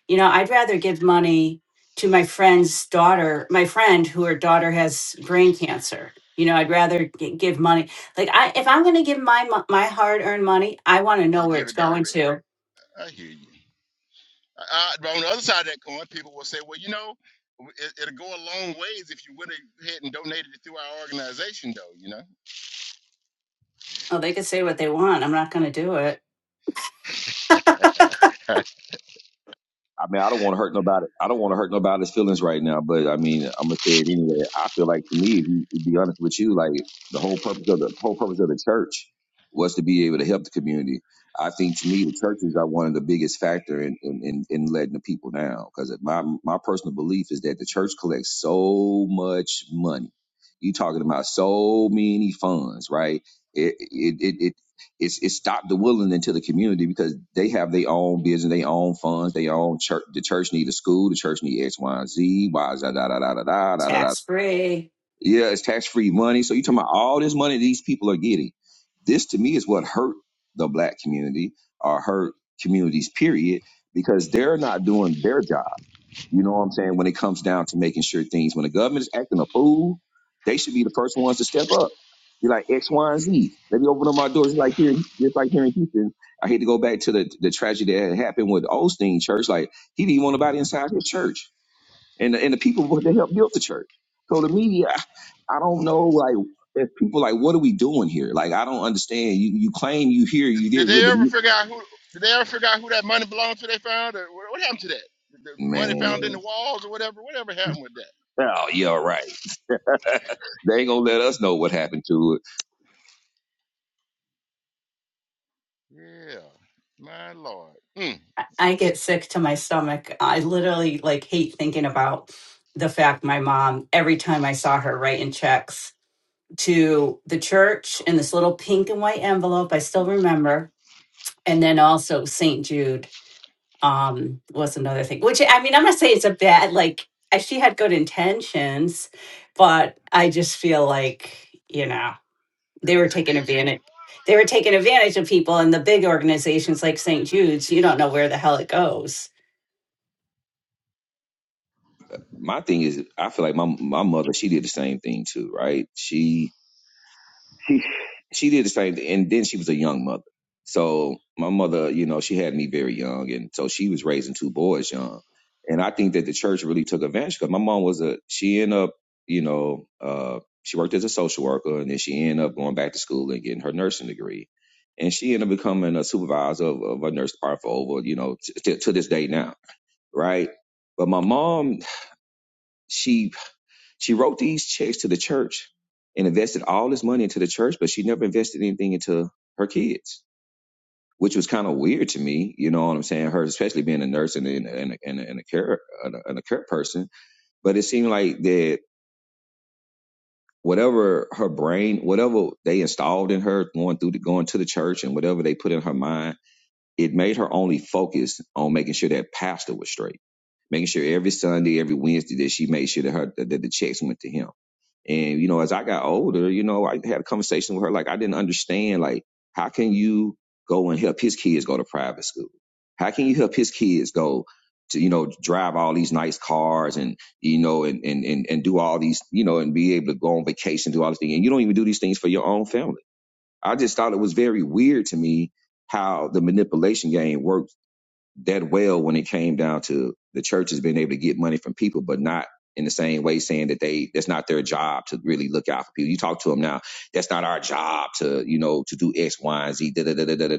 You know, I'd rather give money to my friend's daughter, my friend who her daughter has brain cancer. You know, I'd rather g- give money. Like I, if I'm going to give my mo- my hard earned money, I want you to know better where give it's it going direct to. I hear you. Uh, but on the other side of that coin, people will say, well, you know, it, it'll go a long ways if you went ahead and donated it through our organization, though. You know, Oh, they could say what they want. I'm not going to do it. I mean, I don't want to hurt nobody. I don't want to hurt nobody's feelings right now, but I mean, I'm gonna say it anyway. I feel like to me, if you, to be honest with you, like the whole purpose of the whole purpose of the church was to be able to help the community. I think to me, the churches are one of the biggest factor in in, in, in letting the people down because my my personal belief is that the church collects so much money. You talking about so many funds, right? It it it it's it stopped the willing into the community because they have their own business, their own funds, their own church. The church need a school, the church need X, Y, and Z. Why is that? Da da da da da da da. da. Tax free. Yeah, it's tax free money. So you talking about all this money these people are getting? This to me is what hurt the black community or hurt communities. Period, because they're not doing their job. You know what I'm saying? When it comes down to making sure things, when the government is acting a fool, they should be the first ones to step up. Be like X, Y, and Z. Let me open up my doors like here, just like here in Houston. I hate to go back to the the tragedy that had happened with Osteen Church. Like he didn't want nobody inside his church, and the, and the people who- that helped build the church. So the media, I I don't know, like. If people like, what are we doing here? Like, I don't understand. You you claim you here, did, you did there, they but ever you figure out who? Did they ever figure out who that money belonged to? They found, or what, what happened to that? The money found in the man, walls, or whatever. Whatever happened with that? oh yeah, right. They ain't gonna let us know what happened to it. Yeah, my lord. Mm. I get sick to my stomach. I literally like hate thinking about the fact my mom, every time I saw her writing checks to the church in this little pink and white envelope, I still remember. And then also St. Jude um, was another thing, which I mean, I'm not saying it's a bad, like, I- she had good intentions, but I just feel like, you know There they were was taking abusing. advantage they were taking advantage of people and the big organizations like st jude's you don't know where the hell it goes my thing is I feel like my my mother, she did the same thing too, right? She She, she did the same thing and then she was a young mother. So my mother, you know, she had me very young and so she was raising two boys young. And I think that the church really took advantage because my mom was a she ended up, you know, uh she worked as a social worker and then she ended up going back to school and getting her nursing degree. And she ended up becoming a supervisor of, of a nurse department for over, you know, t- to to this day now, right? But my mom, she. She wrote these checks to the church and invested all this money into the church, but she never invested anything into her kids, which was kind of weird to me. You know what I'm saying? Her, especially being a nurse and and and, and, and a care and a, and a care person, but it seemed like that whatever her brain, whatever they installed in her going through the, going to the church and whatever they put in her mind, it made her only focus on making sure that pastor was straight. Making sure every Sunday, every Wednesday that she made sure that her that the checks went to him And, you know, as I got older, you know, I had a conversation with her. Like, I didn't understand, like, how can you go and help his kids go to private school? How can you help his kids go to, you know, drive all these nice cars and, you know, and, and, and, and do all these, you know, and be able to go on vacation, do all these things. And you don't even do these things for your own family. I just thought it was very weird to me how the manipulation game worked that well when it came down to the churches being able to get money from people, but not in the same way saying that they that's not their job to really look out for people. You talk to them now, that's not our job to you know to do X, Y, and Z. Da da da da da da.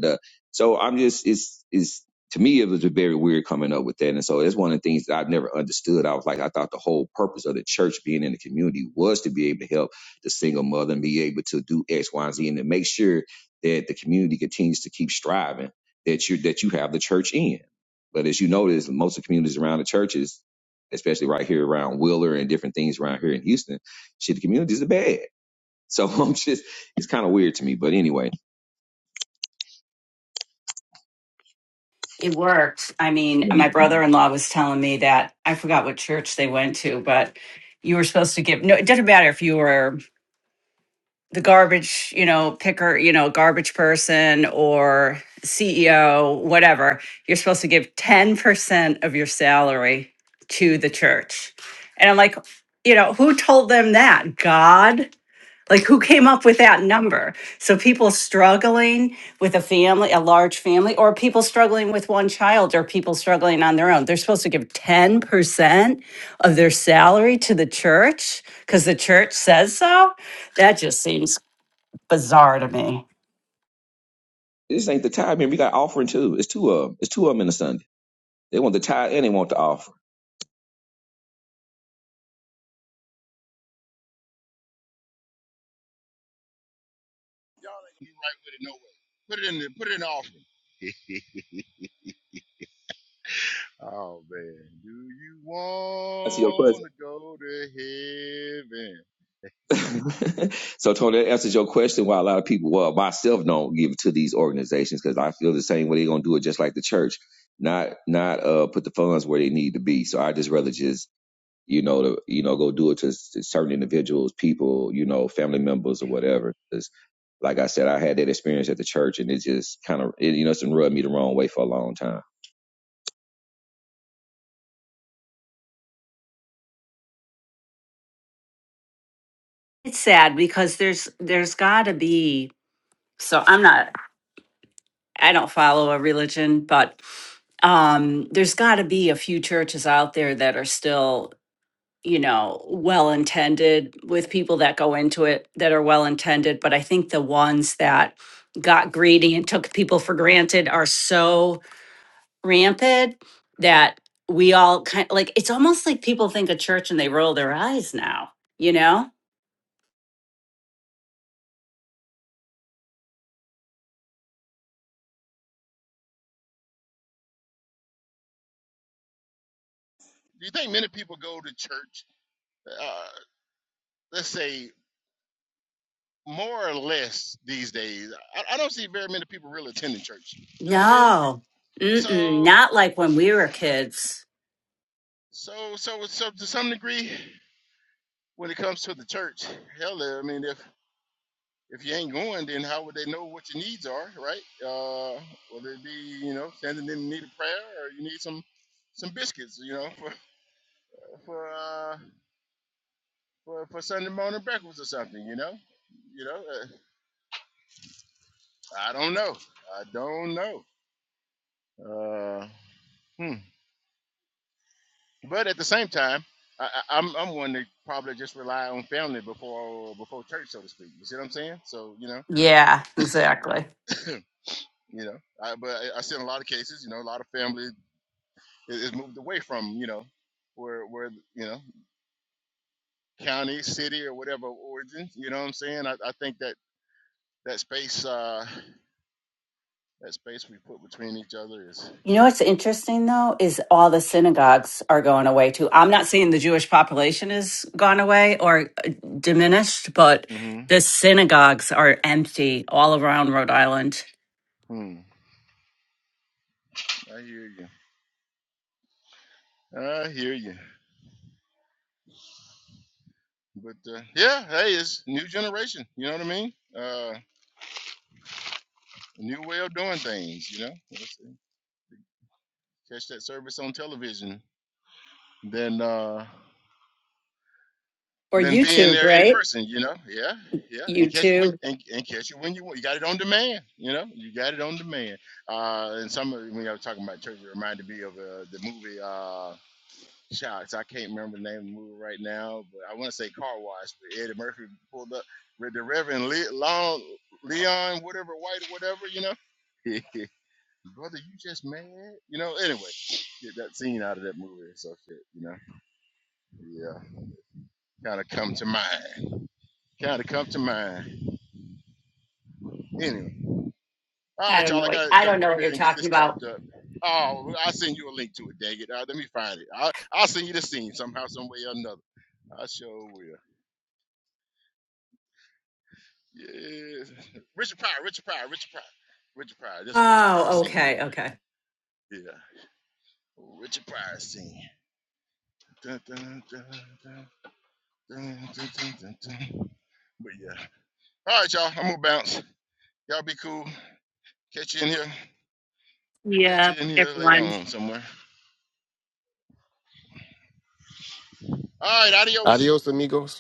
So I'm just it's it's to me it was very weird coming up with that, and so that's one of the things that I've never understood. I was like I thought the whole purpose of the church being in the community was to be able to help the single mother and be able to do X, Y, and Z, and to make sure that the community continues to keep striving that you that you have the church in. But as you notice, most of the communities around the churches, especially right here around Wheeler and different things around here in Houston, shit, the communities are bad. So I'm just, it's kind of weird to me. But anyway, it worked i mean my brother-in-law was telling me that i forgot what church they went to but you were supposed to give no it didn't matter if you were the garbage, you know, picker, you know, garbage person or CEO, whatever, you're supposed to give 10% of your salary to the church. And I'm like, you know, who told them that? God? Like, who came up with that number? So, people struggling with a family, a large family, or people struggling with one child, or people struggling on their own, they're supposed to give 10% of their salary to the church because the church says so. That just seems bizarre to me. this ain't the tithe. Man, we got offering too. It's two of them. It's two of them in a Sunday. They want the tithe and they want the offer. Y'all ain't gonna be right with it no way. Put it in the put it in the offering. Oh man, do you I see your question. wanna go to heaven? so Tony, that answers your question why a lot of people, well, myself don't give to these organizations because I feel the same way they're gonna do it just like the church. Not not uh put the funds where they need to be. So I just rather just you know, to you know, go do it to, s- to certain individuals, people, you know, family members or whatever. 'Cause like I said, I had that experience at the church, and it just kind of, it, you know, it's been rubbed me the wrong way for a long time. It's sad because there's there's got to be so I'm not I don't follow a religion, but um there's got to be a few churches out there that are still, you know, well intended with people that go into it that are well intended, but I think the ones that got greedy and took people for granted are so rampant that we all kind of like it's almost like people think of church and they roll their eyes now, you know? Do you think many people go to church, uh, let's say, more or less these days? I, I don't see very many people really attending church. You know what I mean? No. So, Mm-mm. Not like when we were kids. so, so, so, to some degree, when it comes to the church, hell, I mean, if if you ain't going, then how would they know what your needs are, right? Uh, whether it be, you know, standing in need of prayer, or you need some some biscuits, you know, for for uh, for, for Sunday morning breakfast or something, you know, you know. Uh, I don't know. I don't know. Uh, hmm. But at the same time, I, I, I'm I'm one that probably just rely on family before before church, so to speak. You see what I'm saying? So you know, Yeah, exactly. you know. I, but I, I see in a lot of cases, you know, a lot of family is, is moved away from you know where where you know county, city, or whatever origin. You know what I'm saying? I, I think that that space uh, that space we put between each other is. You know what's interesting though is all the synagogues are going away too. I'm not saying the Jewish population has gone away or uh, diminished, but hmm the synagogues are empty all around Rhode Island. Hmm. I hear you. I hear you. But uh, yeah, hey, it's new generation. You know what I mean? Uh, new way of doing things. You know, Let's catch that service on television than uh, Or than being YouTube, there in right? person. You know? Yeah, yeah. And catch it when YouTube. and, and catch it when you want. You got it on demand. You know, you got it on demand. Uh, and some of- when I was talking about church, it reminded me of uh, the movie. Uh, Shots. I can't remember the name of the movie right now, but I want to say Car Wash. But Eddie Murphy pulled up with the Reverend Le- Long Leon, whatever White, or whatever you know. Brother, you just mad, you know. Anyway, get that scene out of that movie and so shit, you know. Yeah, kind of come to mind. Kind of come to mind. Anyway, all I right, don't y'all. know I what gotta I don't jump know up what here you're and get talking this about. tarped up. Oh, I'll send you a link to it. Dang it! Uh, let me find it. I'll, I'll send you the scene somehow, some way or another. I sure will. Yeah. Richard Pryor, Richard Pryor, Richard Pryor. Richard Pryor. This Richard Pryor Oh, scene, yeah. okay, okay. Yeah. Richard Pryor scene. Dun, dun, dun, dun, dun, dun, dun, dun, dun. But yeah. All right, y'all. I'm gonna bounce. Y'all be cool. Catch you in here. Catch you in here later on somewhere. All right, adios. Adios, amigos.